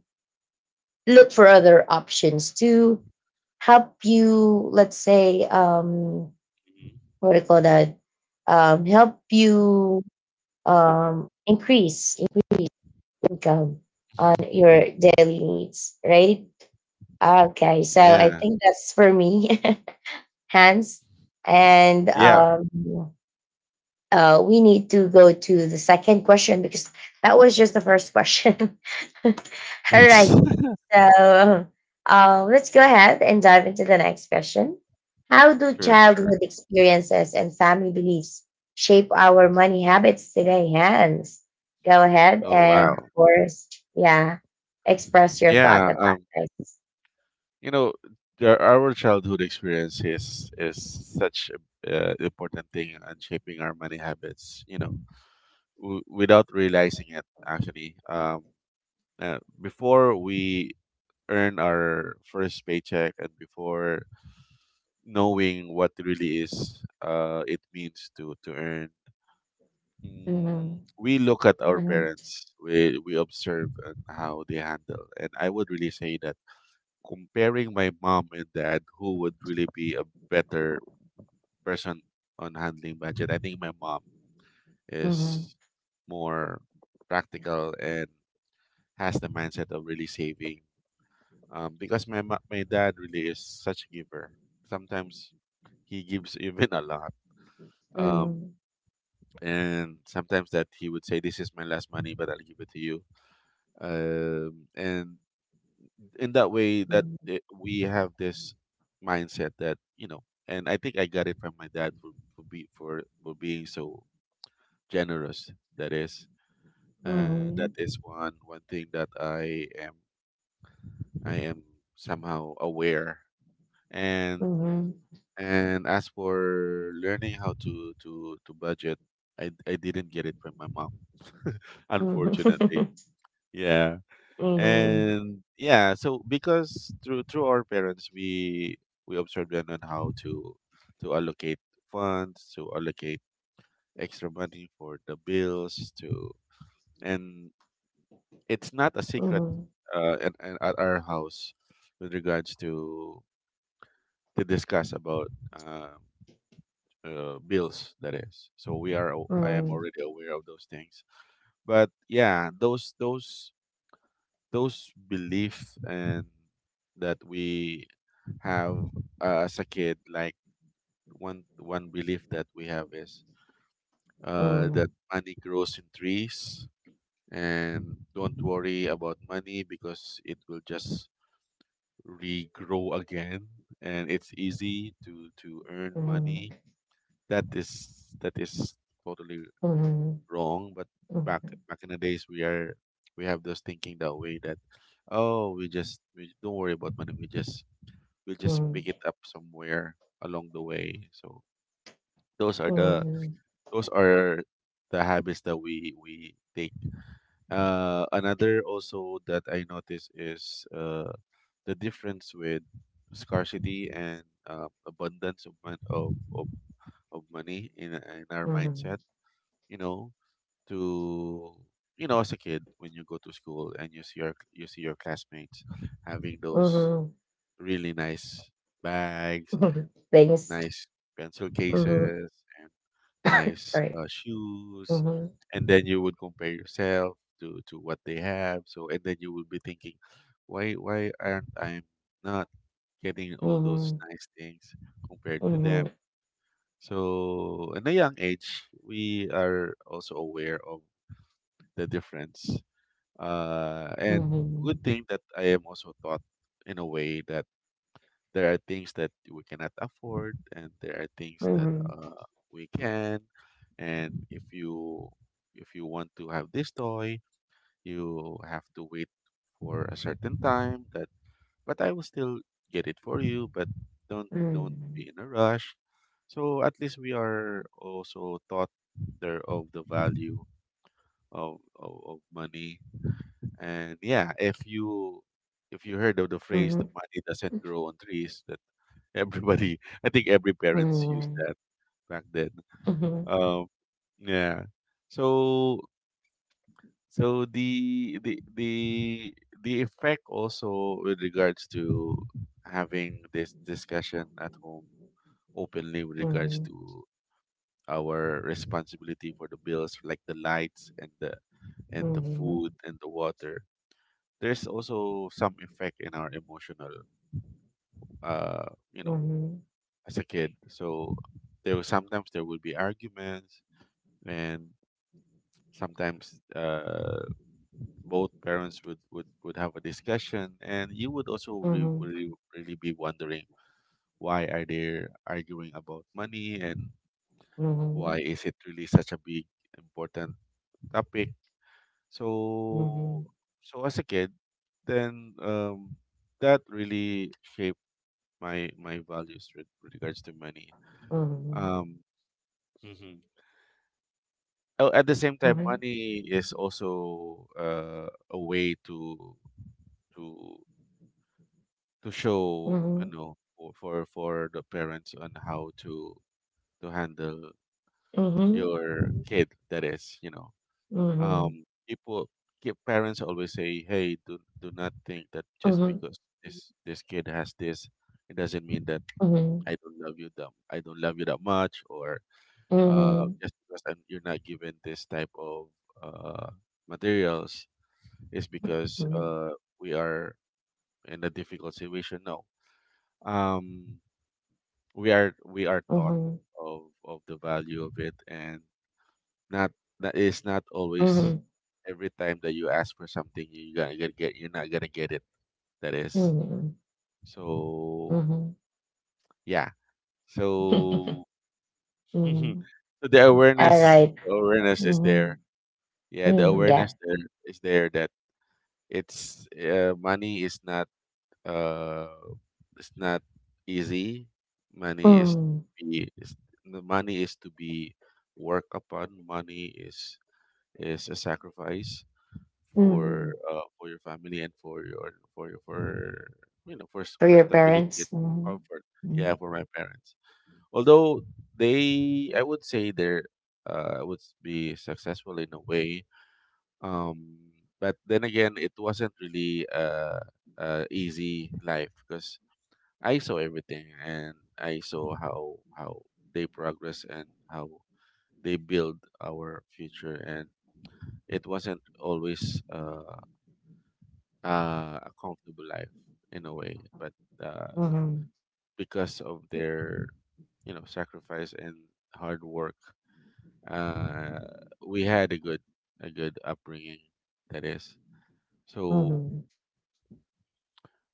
[SPEAKER 1] look for other options to help you, let's say,
[SPEAKER 2] Mhm.
[SPEAKER 1] what do you call that? Help you
[SPEAKER 2] The-
[SPEAKER 1] increase income on your
[SPEAKER 2] [laughs]
[SPEAKER 1] daily needs, right? Okay, so I
[SPEAKER 2] Yeah.
[SPEAKER 1] think that's for me, [laughs] Hans. And
[SPEAKER 2] Yeah.
[SPEAKER 1] We need to go to the second question, because that was just the first question. [laughs] All
[SPEAKER 2] [laughs] That's
[SPEAKER 1] right. So, let's go ahead and dive into the next question. How do
[SPEAKER 2] [laughs] true. True.
[SPEAKER 1] childhood experiences and family beliefs shape our money habits today, Hands? Go ahead
[SPEAKER 2] Oh
[SPEAKER 1] and,
[SPEAKER 2] wow.
[SPEAKER 1] of course, yeah, express your thought
[SPEAKER 2] Yeah.
[SPEAKER 1] about this.
[SPEAKER 2] You know, our childhood experience is such a important thing in shaping our money habits, you know, without realizing it actually. Before we earn our first paycheck, and before knowing what really is, it means to earn, mm,
[SPEAKER 1] Mhm.
[SPEAKER 2] we look at our
[SPEAKER 1] Mhm.
[SPEAKER 2] parents, we observe and how they handle. And I would really say that, comparing my mom and dad, who would really be a better person on handling budget, I think my mom
[SPEAKER 1] Mhm.
[SPEAKER 2] is more practical and has the mindset of really saving. Because my dad really is such a giver. Sometimes he gives [laughs] even a lot. Um,
[SPEAKER 1] Mhm.
[SPEAKER 2] and sometimes that he would say, "This is my last money, but I'll give it to you." And in that way that it, we have this mindset that, you know, and I think I got it from my dad for for being so generous. That is, that
[SPEAKER 1] Mhm.
[SPEAKER 2] is one, one thing that I am somehow aware. and
[SPEAKER 1] Mhm. Mhm.
[SPEAKER 2] and as for learning how to budget, I didn't get it from my mom [laughs]
[SPEAKER 1] Mhm.
[SPEAKER 2] unfortunately.
[SPEAKER 1] [laughs]
[SPEAKER 2] Yeah.
[SPEAKER 1] Mhm.
[SPEAKER 2] And yeah, so because through, through our parents, we observed them on how to allocate funds, to allocate extra money for the bills to, and it's not a
[SPEAKER 1] Mhm.
[SPEAKER 2] secret
[SPEAKER 1] Mhm.
[SPEAKER 2] at, at our house, with regards to discuss about, bills that is. So we are, I am
[SPEAKER 1] Mhm.
[SPEAKER 2] already aware of those things. But yeah, those beliefs and that we have as a kid, like, one, one belief that we have is,
[SPEAKER 1] Mhm.
[SPEAKER 2] that money grows in trees, and don't worry about money because it will just regrow again, and it's easy to earn money. That is, that is totally
[SPEAKER 1] Mhm.
[SPEAKER 2] wrong, but back,
[SPEAKER 1] Mhm.
[SPEAKER 2] back in the days, we are, we have those thinking that way that, oh, we just, we don't worry about money, we just, we'll just
[SPEAKER 1] Mhm.
[SPEAKER 2] pick it up somewhere along the way. So those are the,
[SPEAKER 1] Mhm.
[SPEAKER 2] those are the habits that we take. Another also that I notice is, the difference with scarcity and, abundance of, of money in our mindset.
[SPEAKER 1] Mhm.
[SPEAKER 2] You know, to, you know, as a kid, when you go to school and you see your, you see your classmates having those
[SPEAKER 1] Mhm.
[SPEAKER 2] really nice bags, and
[SPEAKER 1] [laughs] Things.
[SPEAKER 2] nice pencil [laughs]
[SPEAKER 1] Mhm.
[SPEAKER 2] cases, and nice,
[SPEAKER 1] Sorry.
[SPEAKER 2] shoes,
[SPEAKER 1] Mhm.
[SPEAKER 2] and then you would compare yourself to what they have. So and then you would be thinking, why aren't I not getting all those
[SPEAKER 1] Mhm.
[SPEAKER 2] nice things compared to them?
[SPEAKER 1] Mhm.
[SPEAKER 2] So in a young age, we are also aware of the difference. And Good thing that I am also taught in a way that there are things that we cannot afford and there are things that,
[SPEAKER 1] Mhm.
[SPEAKER 2] we can. And if you, if you want to have this toy, you have to wait for a certain time that, but I will still get it for you, but don't
[SPEAKER 1] Mhm.
[SPEAKER 2] be in a rush. So at least we are also taught there of the value of money. And yeah, if you, if you heard of the phrase, the
[SPEAKER 1] Mhm.
[SPEAKER 2] money doesn't grow on trees, that. Everybody, I think every parents used
[SPEAKER 1] Mhm.
[SPEAKER 2] that back then. Um, yeah. So, so the, the effect also with regards to having this discussion at home openly, with regards
[SPEAKER 1] Mhm.
[SPEAKER 2] to our responsibility for the bills, like the lights and the, and the
[SPEAKER 1] Mhm.
[SPEAKER 2] food and the water, there's also some effect in our emotional, uh you know,
[SPEAKER 1] Mhm.
[SPEAKER 2] as a kid. So there was sometimes, there would be arguments, and sometimes, both parents would, would have a discussion, and you would also, really, really be wondering, why are they arguing about money, and
[SPEAKER 1] Mhm.
[SPEAKER 2] why
[SPEAKER 1] Mhm.
[SPEAKER 2] is it really such a big, important topic? So,
[SPEAKER 1] Mhm.
[SPEAKER 2] so as a kid then, that really shaped my, my values with regards to money.
[SPEAKER 1] Mhm.
[SPEAKER 2] um, Oh, at the same time,
[SPEAKER 1] Mhm.
[SPEAKER 2] money is also, a way to, to to
[SPEAKER 1] Mhm.
[SPEAKER 2] show, you
[SPEAKER 1] Mhm.
[SPEAKER 2] know, for, for the parents on how to handle your kid. That is, you know,
[SPEAKER 1] Mhm.
[SPEAKER 2] people, parents always say, "Hey, do not think that
[SPEAKER 1] Mhm. Mhm. Mhm.
[SPEAKER 2] just
[SPEAKER 1] Mhm. Mhm. Mhm.
[SPEAKER 2] because this kid has this, it doesn't mean that I don't love you, that I don't love you that much, or, just because I'm, you're not given this type of, uh, materials, is because, we are in a difficult situation now." Um, we are, we are taught of the value of it, and not, that is not always, every time that you ask for something, you're not gonna get it. That
[SPEAKER 1] Mhm.
[SPEAKER 2] is.
[SPEAKER 1] Mhm. Mhm.
[SPEAKER 2] So
[SPEAKER 1] Mhm.
[SPEAKER 2] yeah.
[SPEAKER 1] [laughs]
[SPEAKER 2] So [laughs]
[SPEAKER 1] Mhm.
[SPEAKER 2] so the
[SPEAKER 1] All
[SPEAKER 2] awareness,
[SPEAKER 1] right.
[SPEAKER 2] awareness is there.
[SPEAKER 1] Mhm.
[SPEAKER 2] Yeah, the
[SPEAKER 1] Mm,
[SPEAKER 2] awareness
[SPEAKER 1] yeah.
[SPEAKER 2] there is there that, it's, money is not, uh it's not easy. Money is to
[SPEAKER 1] Mm.
[SPEAKER 2] be is, the money is to be work upon. Money is a sacrifice for,
[SPEAKER 1] Mhm.
[SPEAKER 2] for your family and for your, for your for you know, for,
[SPEAKER 1] For
[SPEAKER 2] for
[SPEAKER 1] your
[SPEAKER 2] stability
[SPEAKER 1] parents?
[SPEAKER 2] and
[SPEAKER 1] Mhm.
[SPEAKER 2] comfort. Yeah, for my parents. Although I would say they're would be successful in a way, um, but then again, it wasn't really easy life because I saw everything and I saw how they progress and how they build our future, and it wasn't always a comfortable life in a way. But uh,
[SPEAKER 1] Mhm.
[SPEAKER 2] because of their, you know, sacrifice and hard work, uh, we had a good upbringing. That is so,
[SPEAKER 1] Mhm.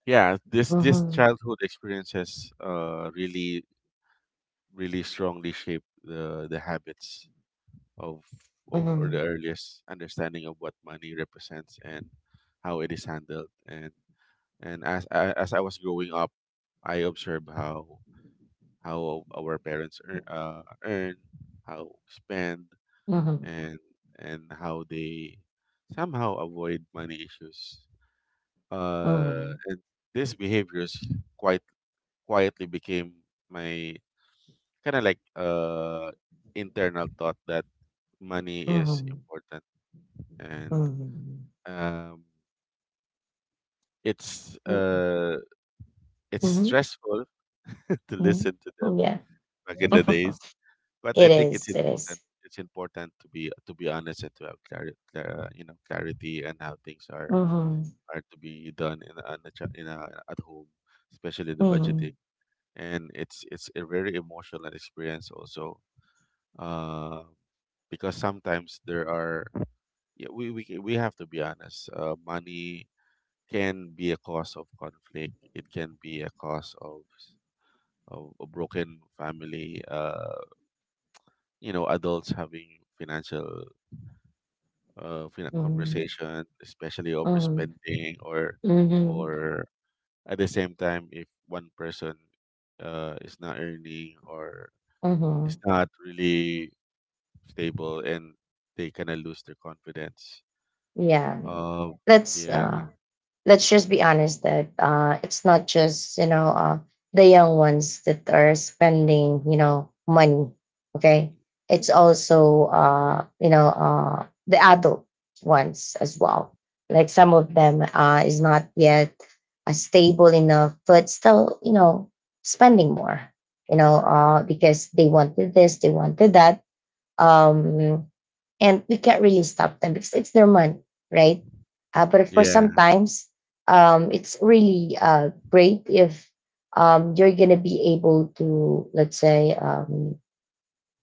[SPEAKER 2] yeah, this
[SPEAKER 1] Mhm.
[SPEAKER 2] childhood experiences really really strongly shape the habits of or the
[SPEAKER 1] Mhm.
[SPEAKER 2] earliest understanding of what money represents and how it is handled. And as I was growing up, I observed how our parents earn, earn, how spend,
[SPEAKER 1] Mhm.
[SPEAKER 2] and and how they somehow avoid money issues,
[SPEAKER 1] Mhm.
[SPEAKER 2] and these behaviors quite quietly became my kind of like internal thought that money is
[SPEAKER 1] Mhm.
[SPEAKER 2] important.
[SPEAKER 1] Mhm.
[SPEAKER 2] And
[SPEAKER 1] Mhm.
[SPEAKER 2] um it's
[SPEAKER 1] Mhm.
[SPEAKER 2] uh it's
[SPEAKER 1] Mhm.
[SPEAKER 2] stressful [laughs] to
[SPEAKER 1] Mhm.
[SPEAKER 2] listen to
[SPEAKER 1] Oh,
[SPEAKER 2] them
[SPEAKER 1] yeah.
[SPEAKER 2] back in the
[SPEAKER 1] [laughs]
[SPEAKER 2] days. But I
[SPEAKER 1] It
[SPEAKER 2] think it's
[SPEAKER 1] is. It is.
[SPEAKER 2] important to be honest and to have clarity clar- you know clarity and how things are
[SPEAKER 1] Mhm.
[SPEAKER 2] to be done in a, at home, especially the budgeting.
[SPEAKER 1] Mhm.
[SPEAKER 2] And it's a very emotional experience also, uh, because sometimes there are, yeah, we have to be honest. Uh, money can be a cause of conflict. It can be a cause of of a broken family. Uh, you know, adults having financial
[SPEAKER 1] Mhm.
[SPEAKER 2] conversation, especially
[SPEAKER 1] Mhm.
[SPEAKER 2] overspending. Or
[SPEAKER 1] Mhm.
[SPEAKER 2] or at the same time, if one person is not earning or is
[SPEAKER 1] Mhm.
[SPEAKER 2] not really stable, and they kind of lose their confidence.
[SPEAKER 1] Yeah.
[SPEAKER 2] Uh,
[SPEAKER 1] Let's uh
[SPEAKER 2] yeah.
[SPEAKER 1] let's just be honest that, it's not just, you know, the young ones that are spending, you know, money, okay?
[SPEAKER 2] Mm,
[SPEAKER 1] It's
[SPEAKER 2] mm.
[SPEAKER 1] also, you know, the adult ones as well. Like some of them, is not yet stable enough, but still, you know, spending more, you know, because they wanted this, they wanted that. um, and we can't really stop them because it's their money, right? But of course,
[SPEAKER 2] Yeah,
[SPEAKER 1] sometimes it's really great if you're going to be able to, let's say, um,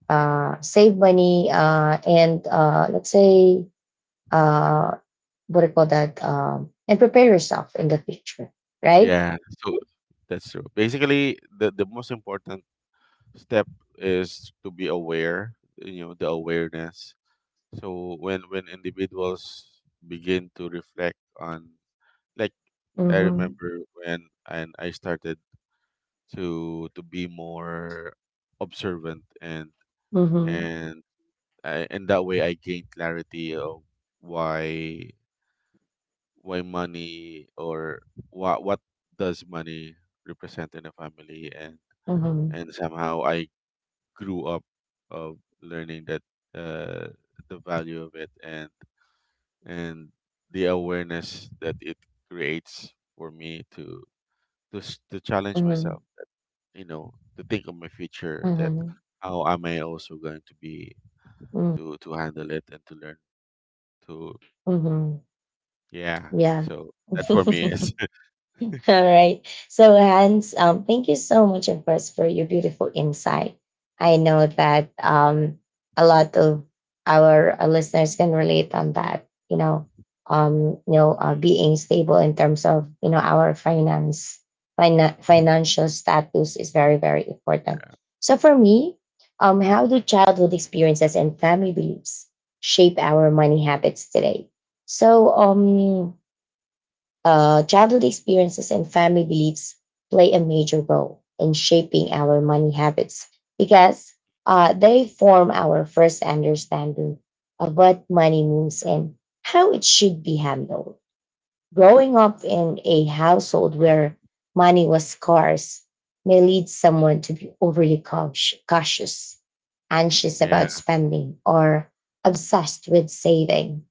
[SPEAKER 1] uh, save money, and let's say, uh, what do you call that, and prepare yourself in the future, right?
[SPEAKER 2] yeah. So that's true. Basically, the most important step is to be aware, you know, the awareness. So when individuals begin to reflect on, like, I
[SPEAKER 1] Mm-hmm.
[SPEAKER 2] remember when and I started to be more observant, and
[SPEAKER 1] Mm-hmm.
[SPEAKER 2] and I, and that way I gained clarity of why why money or what does money represent in a family. And
[SPEAKER 1] Mm-hmm.
[SPEAKER 2] somehow I grew up of learning that, uh, the value of it, and and the awareness that it creates for me to challenge myself, you know, to think of my future. That
[SPEAKER 1] Mm-hmm.
[SPEAKER 2] how am I also going to be
[SPEAKER 1] Mm-hmm.
[SPEAKER 2] to handle it and to learn to,
[SPEAKER 1] Mm-hmm.
[SPEAKER 2] yeah.
[SPEAKER 1] Yeah.
[SPEAKER 2] So that for me
[SPEAKER 1] [laughs]
[SPEAKER 2] is,
[SPEAKER 1] [laughs] All right. So, Hans, thank you so much, of course, for your beautiful insight. I know that, a lot of our, listeners can relate on that. You know,
[SPEAKER 2] [laughs]
[SPEAKER 1] being stable in terms of, you know, our finance, financial status is very, very important. So, for me, how do childhood experiences and family beliefs shape our money habits today? So, um, Childhood experiences and family beliefs play a major role in shaping our money habits because they form our first understanding of what money means and how it should be handled. Growing up in a household where money was scarce may lead someone to be overly cautious, anxious
[SPEAKER 2] yeah.
[SPEAKER 1] about spending, or obsessed with saving,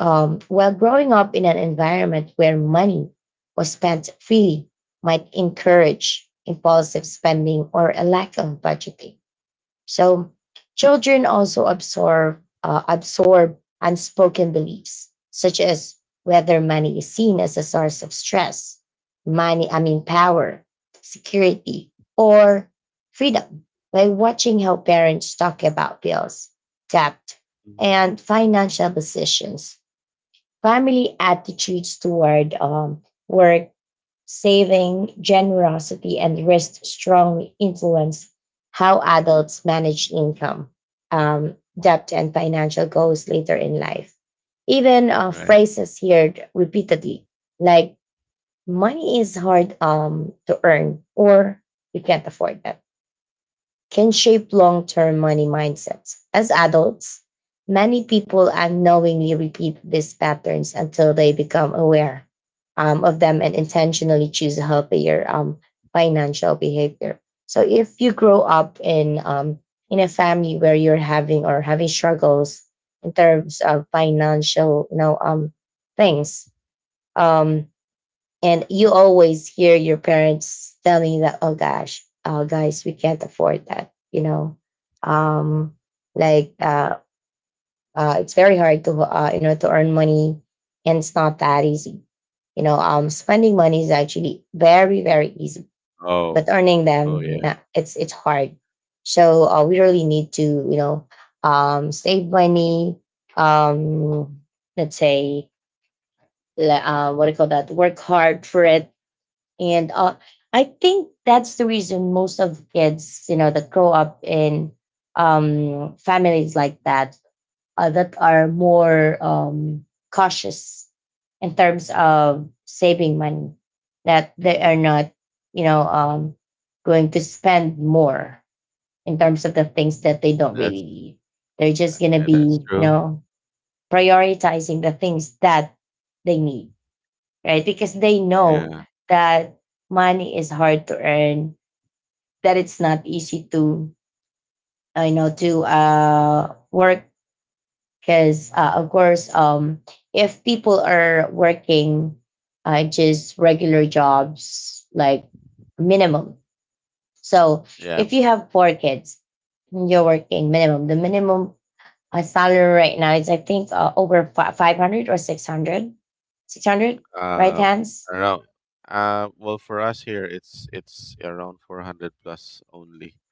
[SPEAKER 1] while growing up in an environment where money was spent freely might encourage impulsive spending or a lack of budgeting. So children also absorb unspoken beliefs, such as whether money is seen as a source of stress, money, I mean power, security, or freedom, by watching how parents talk about bills, debt,
[SPEAKER 2] Mhm.
[SPEAKER 1] and financial decisions. Family attitudes toward work, saving, generosity, and risk strongly influence how adults manage income, debt, and financial goals later in life. Even
[SPEAKER 2] Right.
[SPEAKER 1] phrases heard repeatedly, like money is hard, to earn, or you can't afford that, can shape long term money mindsets. As adults, many people unknowingly repeat these patterns until they become aware of them and intentionally choose a healthier, financial behavior. So if you grow up in, in a family where you're having or having struggles in terms of financial, you know, things, um, and you always hear your parents telling that, oh gosh, oh guys, we can't afford that. You know, um, like it's very hard to, you know, to earn money, and it's not that easy. You know, spending money is actually very very easy, but
[SPEAKER 2] Oh,
[SPEAKER 1] earning
[SPEAKER 2] oh
[SPEAKER 1] them,
[SPEAKER 2] yeah,
[SPEAKER 1] nah, it's hard. So we really need to, you know, save money. Um, let's say, what do you call that? Work hard for it. And I think that's the reason most of kids, you know, that grow up in, families like that, that are more, cautious in terms of saving money, that they are not, you know, going to spend more in terms of the things that they don't really
[SPEAKER 2] that's
[SPEAKER 1] need. They're just going to
[SPEAKER 2] that's
[SPEAKER 1] be, you
[SPEAKER 2] true.
[SPEAKER 1] know, prioritizing the things that they need, right? Because they know
[SPEAKER 2] Yeah,
[SPEAKER 1] that money is hard to earn, that it's not easy to, you know, to, work. Because of course, if people are working just regular jobs, like minimum. So
[SPEAKER 2] yeah.
[SPEAKER 1] if you have four kids, you're working minimum. The minimum, salary right now is, I think, 500 or 600, 600,
[SPEAKER 2] Um,
[SPEAKER 1] right,
[SPEAKER 2] um,
[SPEAKER 1] Hands?
[SPEAKER 2] I don't know. Well, for us here, it's around 400 plus only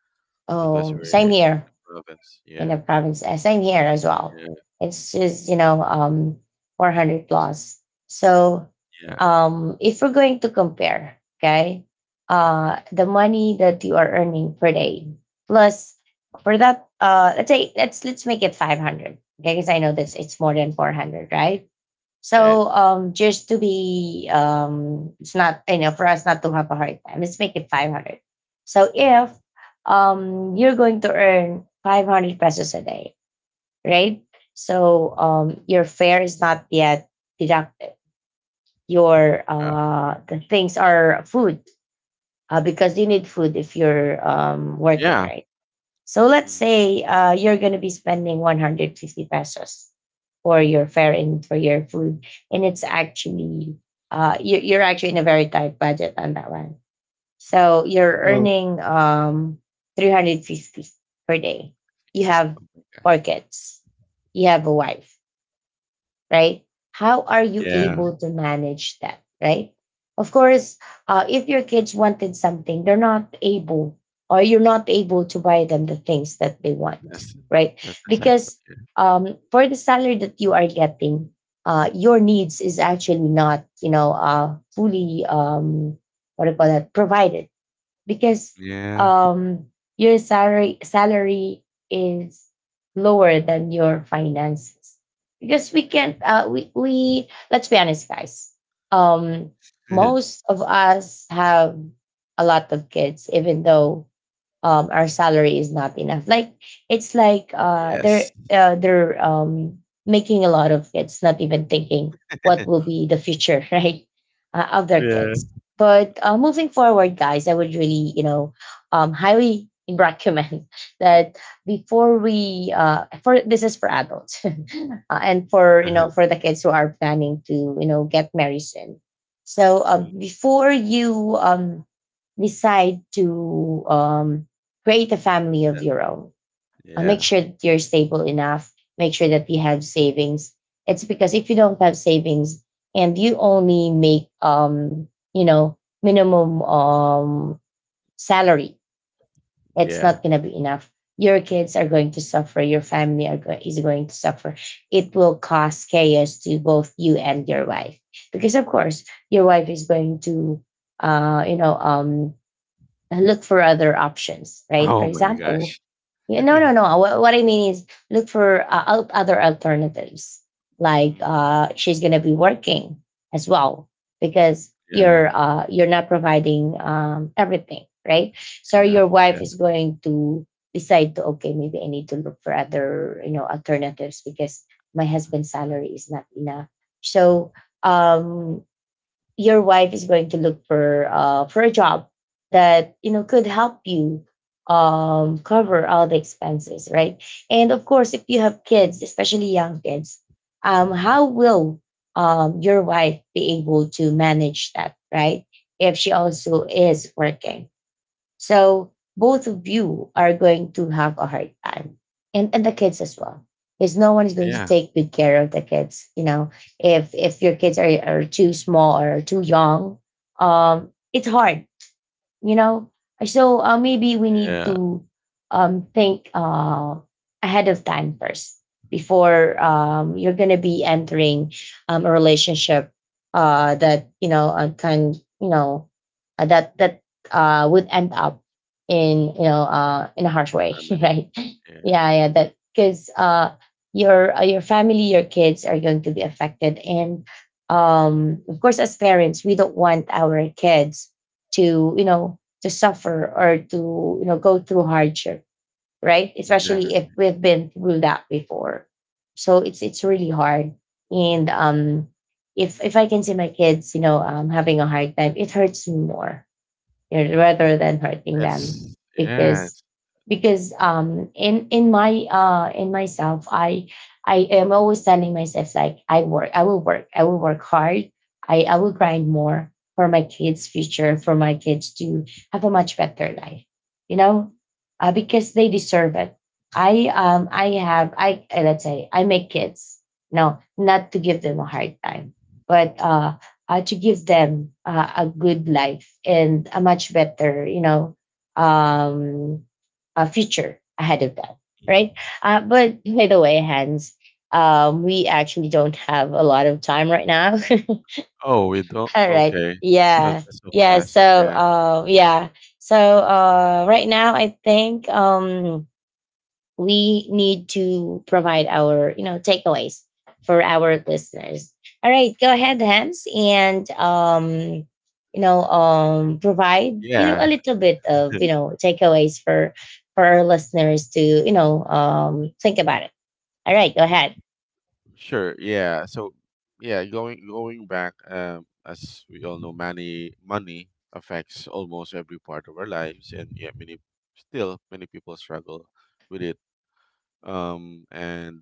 [SPEAKER 1] Oh,
[SPEAKER 2] because we're
[SPEAKER 1] same
[SPEAKER 2] in the
[SPEAKER 1] here.
[SPEAKER 2] province.
[SPEAKER 1] In the
[SPEAKER 2] Yeah,
[SPEAKER 1] province. Same here as well.
[SPEAKER 2] yeah,
[SPEAKER 1] It's just, you know, 400 plus. So,
[SPEAKER 2] yeah,
[SPEAKER 1] if we're going to compare, okay, the money that you are earning per day plus for that, let's say, let's make it 500. Okay, because I know that it's more than 400, right?
[SPEAKER 2] yeah.
[SPEAKER 1] So, just to be, it's not, you know, for us not to have a hard time. Let's make it 500. So if,
[SPEAKER 2] Mm-hmm.
[SPEAKER 1] you're going to earn 500 pesos a day, right? So, your fare is not yet deducted. Your,
[SPEAKER 2] Uh,
[SPEAKER 1] the things are food, because you need food if you're, working,
[SPEAKER 2] yeah.
[SPEAKER 1] right? So let's
[SPEAKER 2] Mm.
[SPEAKER 1] say, you're going to be spending 150 pesos for your fare and for your food, and it's actually, you're actually in a very tight budget on that one. So you're
[SPEAKER 2] No.
[SPEAKER 1] earning, 350 per day. You have four
[SPEAKER 2] Gosh.
[SPEAKER 1] kids. You have a wife, right? How are you
[SPEAKER 2] Yeah.
[SPEAKER 1] able to manage that, right? Of course, if your kids wanted something, they're not able, or you're not able to buy them the things that they want,
[SPEAKER 2] That's
[SPEAKER 1] right?
[SPEAKER 2] the sad
[SPEAKER 1] Because,
[SPEAKER 2] part.
[SPEAKER 1] for the salary that you are getting, your needs is actually not, you know, fully, what do you call that, provided, because
[SPEAKER 2] Yeah.
[SPEAKER 1] um your salary is lower than your finances, because we can't we let's be honest, guys, um
[SPEAKER 2] [laughs]
[SPEAKER 1] most of us have a lot of kids, even though, um, our salary is not enough. Like it's like,
[SPEAKER 2] Yes.
[SPEAKER 1] they're, making a lot of kids, not even thinking what will
[SPEAKER 2] [laughs]
[SPEAKER 1] be the future, [laughs] right, of their
[SPEAKER 2] Yeah.
[SPEAKER 1] kids. But, moving forward, guys, I would really, you know, um, highly recommend [laughs] that before we for this is for adults [laughs] and for, you know,
[SPEAKER 2] [laughs]
[SPEAKER 1] for the kids who are planning to, you know, get married soon. So,
[SPEAKER 2] Mm,
[SPEAKER 1] before you, decide to, create a family of
[SPEAKER 2] that-
[SPEAKER 1] your own, make
[SPEAKER 2] yeah.
[SPEAKER 1] sure that you're stable enough, make sure that you have savings. It's because if you don't have savings and you only make, you know, minimum, salary, it's not
[SPEAKER 2] Yeah.
[SPEAKER 1] going to be enough. Your kids are going to suffer. Your family is going to suffer. It will cause chaos to both you and your wife, because, of course, your wife is going to, you know, look for other options, right? For
[SPEAKER 2] Oh my
[SPEAKER 1] example,
[SPEAKER 2] gosh. [laughs]
[SPEAKER 1] yeah, no, no, no. What I mean is look for, other alternatives. Like,
[SPEAKER 2] Mm,
[SPEAKER 1] she's gonna be working as well, because
[SPEAKER 2] yeah.
[SPEAKER 1] you're, you're not providing, everything, right? So your
[SPEAKER 2] Enough,
[SPEAKER 1] wife
[SPEAKER 2] yeah,
[SPEAKER 1] is going to decide to, okay, maybe I need to look for other, you know, alternatives because my husband's salary is not enough. So um, your wife is going to look for a job that, you know, could help you cover all the expenses, right? And of course, if you have kids, especially young kids, how will your wife be able to manage that, right? If she also is working, so both of you are going to have a hard time. And the kids as well. Because no one is going to
[SPEAKER 2] yeah.
[SPEAKER 1] take good care of the kids. If your kids are too small or too young, it's hard,
[SPEAKER 2] Mhm.
[SPEAKER 1] you know. So maybe we need
[SPEAKER 2] Yeah,
[SPEAKER 1] to think ahead of time first before you're going to be entering a relationship that, you know, can, you know, that would end up in, you know, in a harsh way, [laughs]
[SPEAKER 2] family,
[SPEAKER 1] right?
[SPEAKER 2] yeah,
[SPEAKER 1] Yeah, yeah, that, because your family, your kids are going to be affected, and of course, as parents, we don't want our kids to, you know, to suffer or to, you know, go through hardship, right? Especially
[SPEAKER 2] exactly.
[SPEAKER 1] if we've been through that before. So it's really hard. And if I can see my kids, you know, having a hard time, it hurts me more, you know, rather than hurting them.
[SPEAKER 2] That's yeah,
[SPEAKER 1] Because
[SPEAKER 2] it's.
[SPEAKER 1] because in my in myself, I am always telling myself, like, I will work, I will work hard. I will grind more for my kids' future, for my kids to have a much better life, you know. Because they deserve it. I have I let's say I make kids, no, not to give them a hard time, but to give them a good life and a much better, you know, um, a future ahead of them, right?
[SPEAKER 2] Mm.
[SPEAKER 1] But by the way, Hans, we actually don't have a lot of time right now. [laughs]
[SPEAKER 2] Oh, we don't,
[SPEAKER 1] All right.
[SPEAKER 2] okay. So
[SPEAKER 1] Yeah.
[SPEAKER 2] that's so
[SPEAKER 1] Yeah.
[SPEAKER 2] fast.
[SPEAKER 1] So,
[SPEAKER 2] Yeah.
[SPEAKER 1] yeah. So, right now, I think. We need to provide our, you know, takeaways for our listeners. All right, go ahead, Hams, and provide, you know, a
[SPEAKER 2] Yeah.
[SPEAKER 1] little bit of, you know, takeaways for our listeners to, you know, think about it. All right, go ahead.
[SPEAKER 2] Sure. Yeah. So yeah, going back, as we all know, money affects almost every part of our lives. And yeah, many still many people struggle with it. And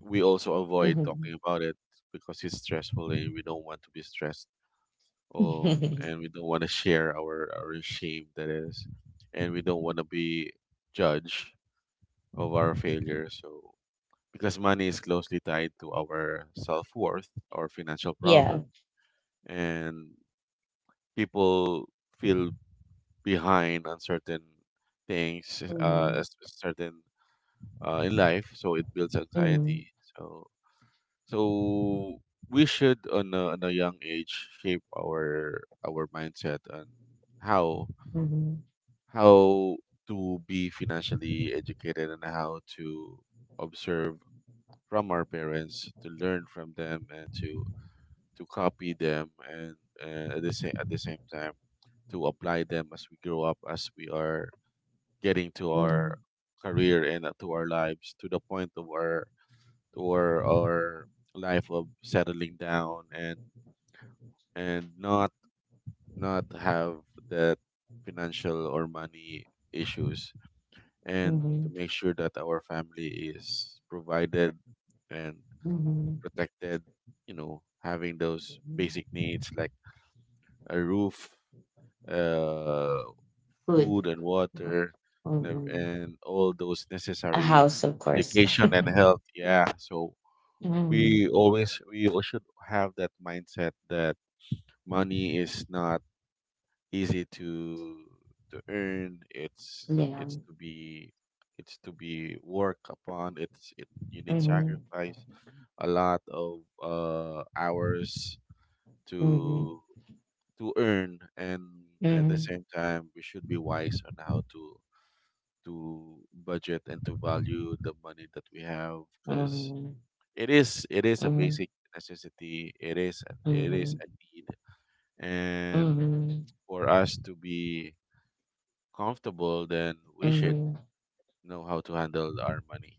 [SPEAKER 2] we also avoid talking
[SPEAKER 1] Mhm.
[SPEAKER 2] about it because it's stressful and we don't want to be stressed,
[SPEAKER 1] [laughs]
[SPEAKER 2] and we don't want to share our shame, that is, and we don't want to be judged of our failure. So because money is closely tied to our self worth, our financial
[SPEAKER 1] Yeah.
[SPEAKER 2] problems, and people feel behind on certain things,
[SPEAKER 1] Mhm.
[SPEAKER 2] certain in life. So it builds
[SPEAKER 1] Mhm.
[SPEAKER 2] anxiety. So so we should, on a young age, shape our mindset on how
[SPEAKER 1] Mhm.
[SPEAKER 2] how to be financially educated, and how to observe from our parents, to learn from them, and to copy them, and at the same time to apply them as we grow up, as we are getting to our
[SPEAKER 1] Mhm.
[SPEAKER 2] career, and to our lives, to the point of our to our, our life of settling down, and not have that financial or money issues, and to
[SPEAKER 1] Mhm.
[SPEAKER 2] make sure that our family is provided and
[SPEAKER 1] Mhm.
[SPEAKER 2] protected, you know, having those
[SPEAKER 1] Mhm.
[SPEAKER 2] basic needs like a roof, uh
[SPEAKER 1] Food.
[SPEAKER 2] food and water, and
[SPEAKER 1] Mhm.
[SPEAKER 2] all those
[SPEAKER 1] A
[SPEAKER 2] necessary
[SPEAKER 1] house, of course.
[SPEAKER 2] education
[SPEAKER 1] [laughs]
[SPEAKER 2] and health, yeah. So
[SPEAKER 1] Mhm.
[SPEAKER 2] we always should have that mindset that money is not easy to earn. It's
[SPEAKER 1] 两，
[SPEAKER 2] to be it's to be work upon. It's it, you need
[SPEAKER 1] 嗯
[SPEAKER 2] sacrifice a lot of hours
[SPEAKER 1] 嗯
[SPEAKER 2] to
[SPEAKER 1] 嗯
[SPEAKER 2] earn. And
[SPEAKER 1] 嗯
[SPEAKER 2] at the
[SPEAKER 1] 嗯
[SPEAKER 2] same time, we should be wise on how to budget and to value the money that we have, because
[SPEAKER 1] 嗯
[SPEAKER 2] it is a
[SPEAKER 1] 嗯
[SPEAKER 2] basic necessity. It is a need.
[SPEAKER 1] 嗯
[SPEAKER 2] And
[SPEAKER 1] 嗯
[SPEAKER 2] for us to be comfortable, then we should
[SPEAKER 1] 嗯。
[SPEAKER 2] know how to handle our money.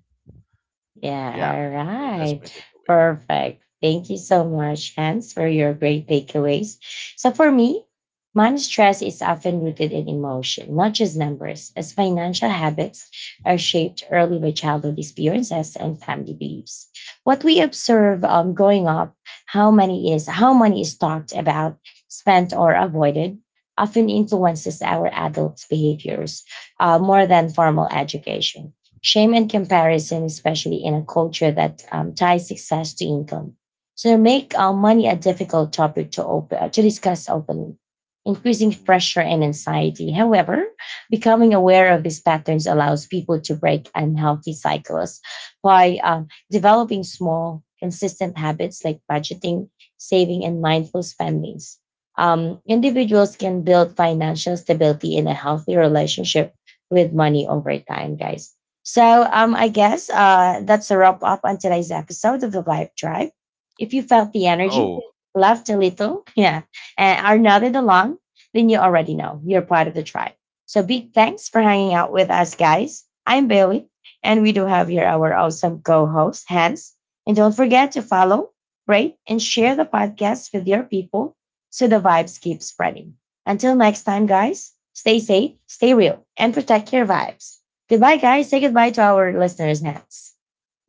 [SPEAKER 2] Yeah,
[SPEAKER 1] Yeah, all
[SPEAKER 2] so that's
[SPEAKER 1] right.
[SPEAKER 2] my takeaway.
[SPEAKER 1] Perfect. Thank you so much, Hans, for your great takeaways. So, for me, money stress is often rooted in emotion, not just numbers, as financial habits are shaped early by childhood experiences and family beliefs. What we observe, growing up, how money is talked about, spent, or avoided, often influences our adult behaviors more than formal education. Shame and comparison, especially in a culture that ties success to income. So make money a difficult topic to open to discuss openly, increasing pressure and anxiety. However, becoming aware of these patterns allows people to break unhealthy cycles by developing small, consistent habits like budgeting, saving, and mindful spendings. Individuals can build financial stability in a healthy relationship with money over time, guys. So I
[SPEAKER 2] Mm-hmm.
[SPEAKER 1] guess that's a wrap up on today's episode of the Vibe Tribe. If you felt the energy,
[SPEAKER 2] Oh,
[SPEAKER 1] laughed a little, [laughs] yeah, and are nodded along, then you already know you're part of the tribe. So big thanks for hanging out with us, guys. I'm Bailey, and we do have here our awesome co-host, Hans. And don't forget to follow, rate, and share the podcast with your people so the vibes keep spreading. Until next time, guys, stay safe, stay real, and protect your vibes. Goodbye, guys. Say goodbye to our listeners' next.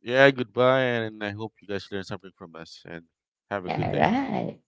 [SPEAKER 2] yeah, goodbye, and I hope you guys learn something from us and have a
[SPEAKER 1] All
[SPEAKER 2] good day.
[SPEAKER 1] right.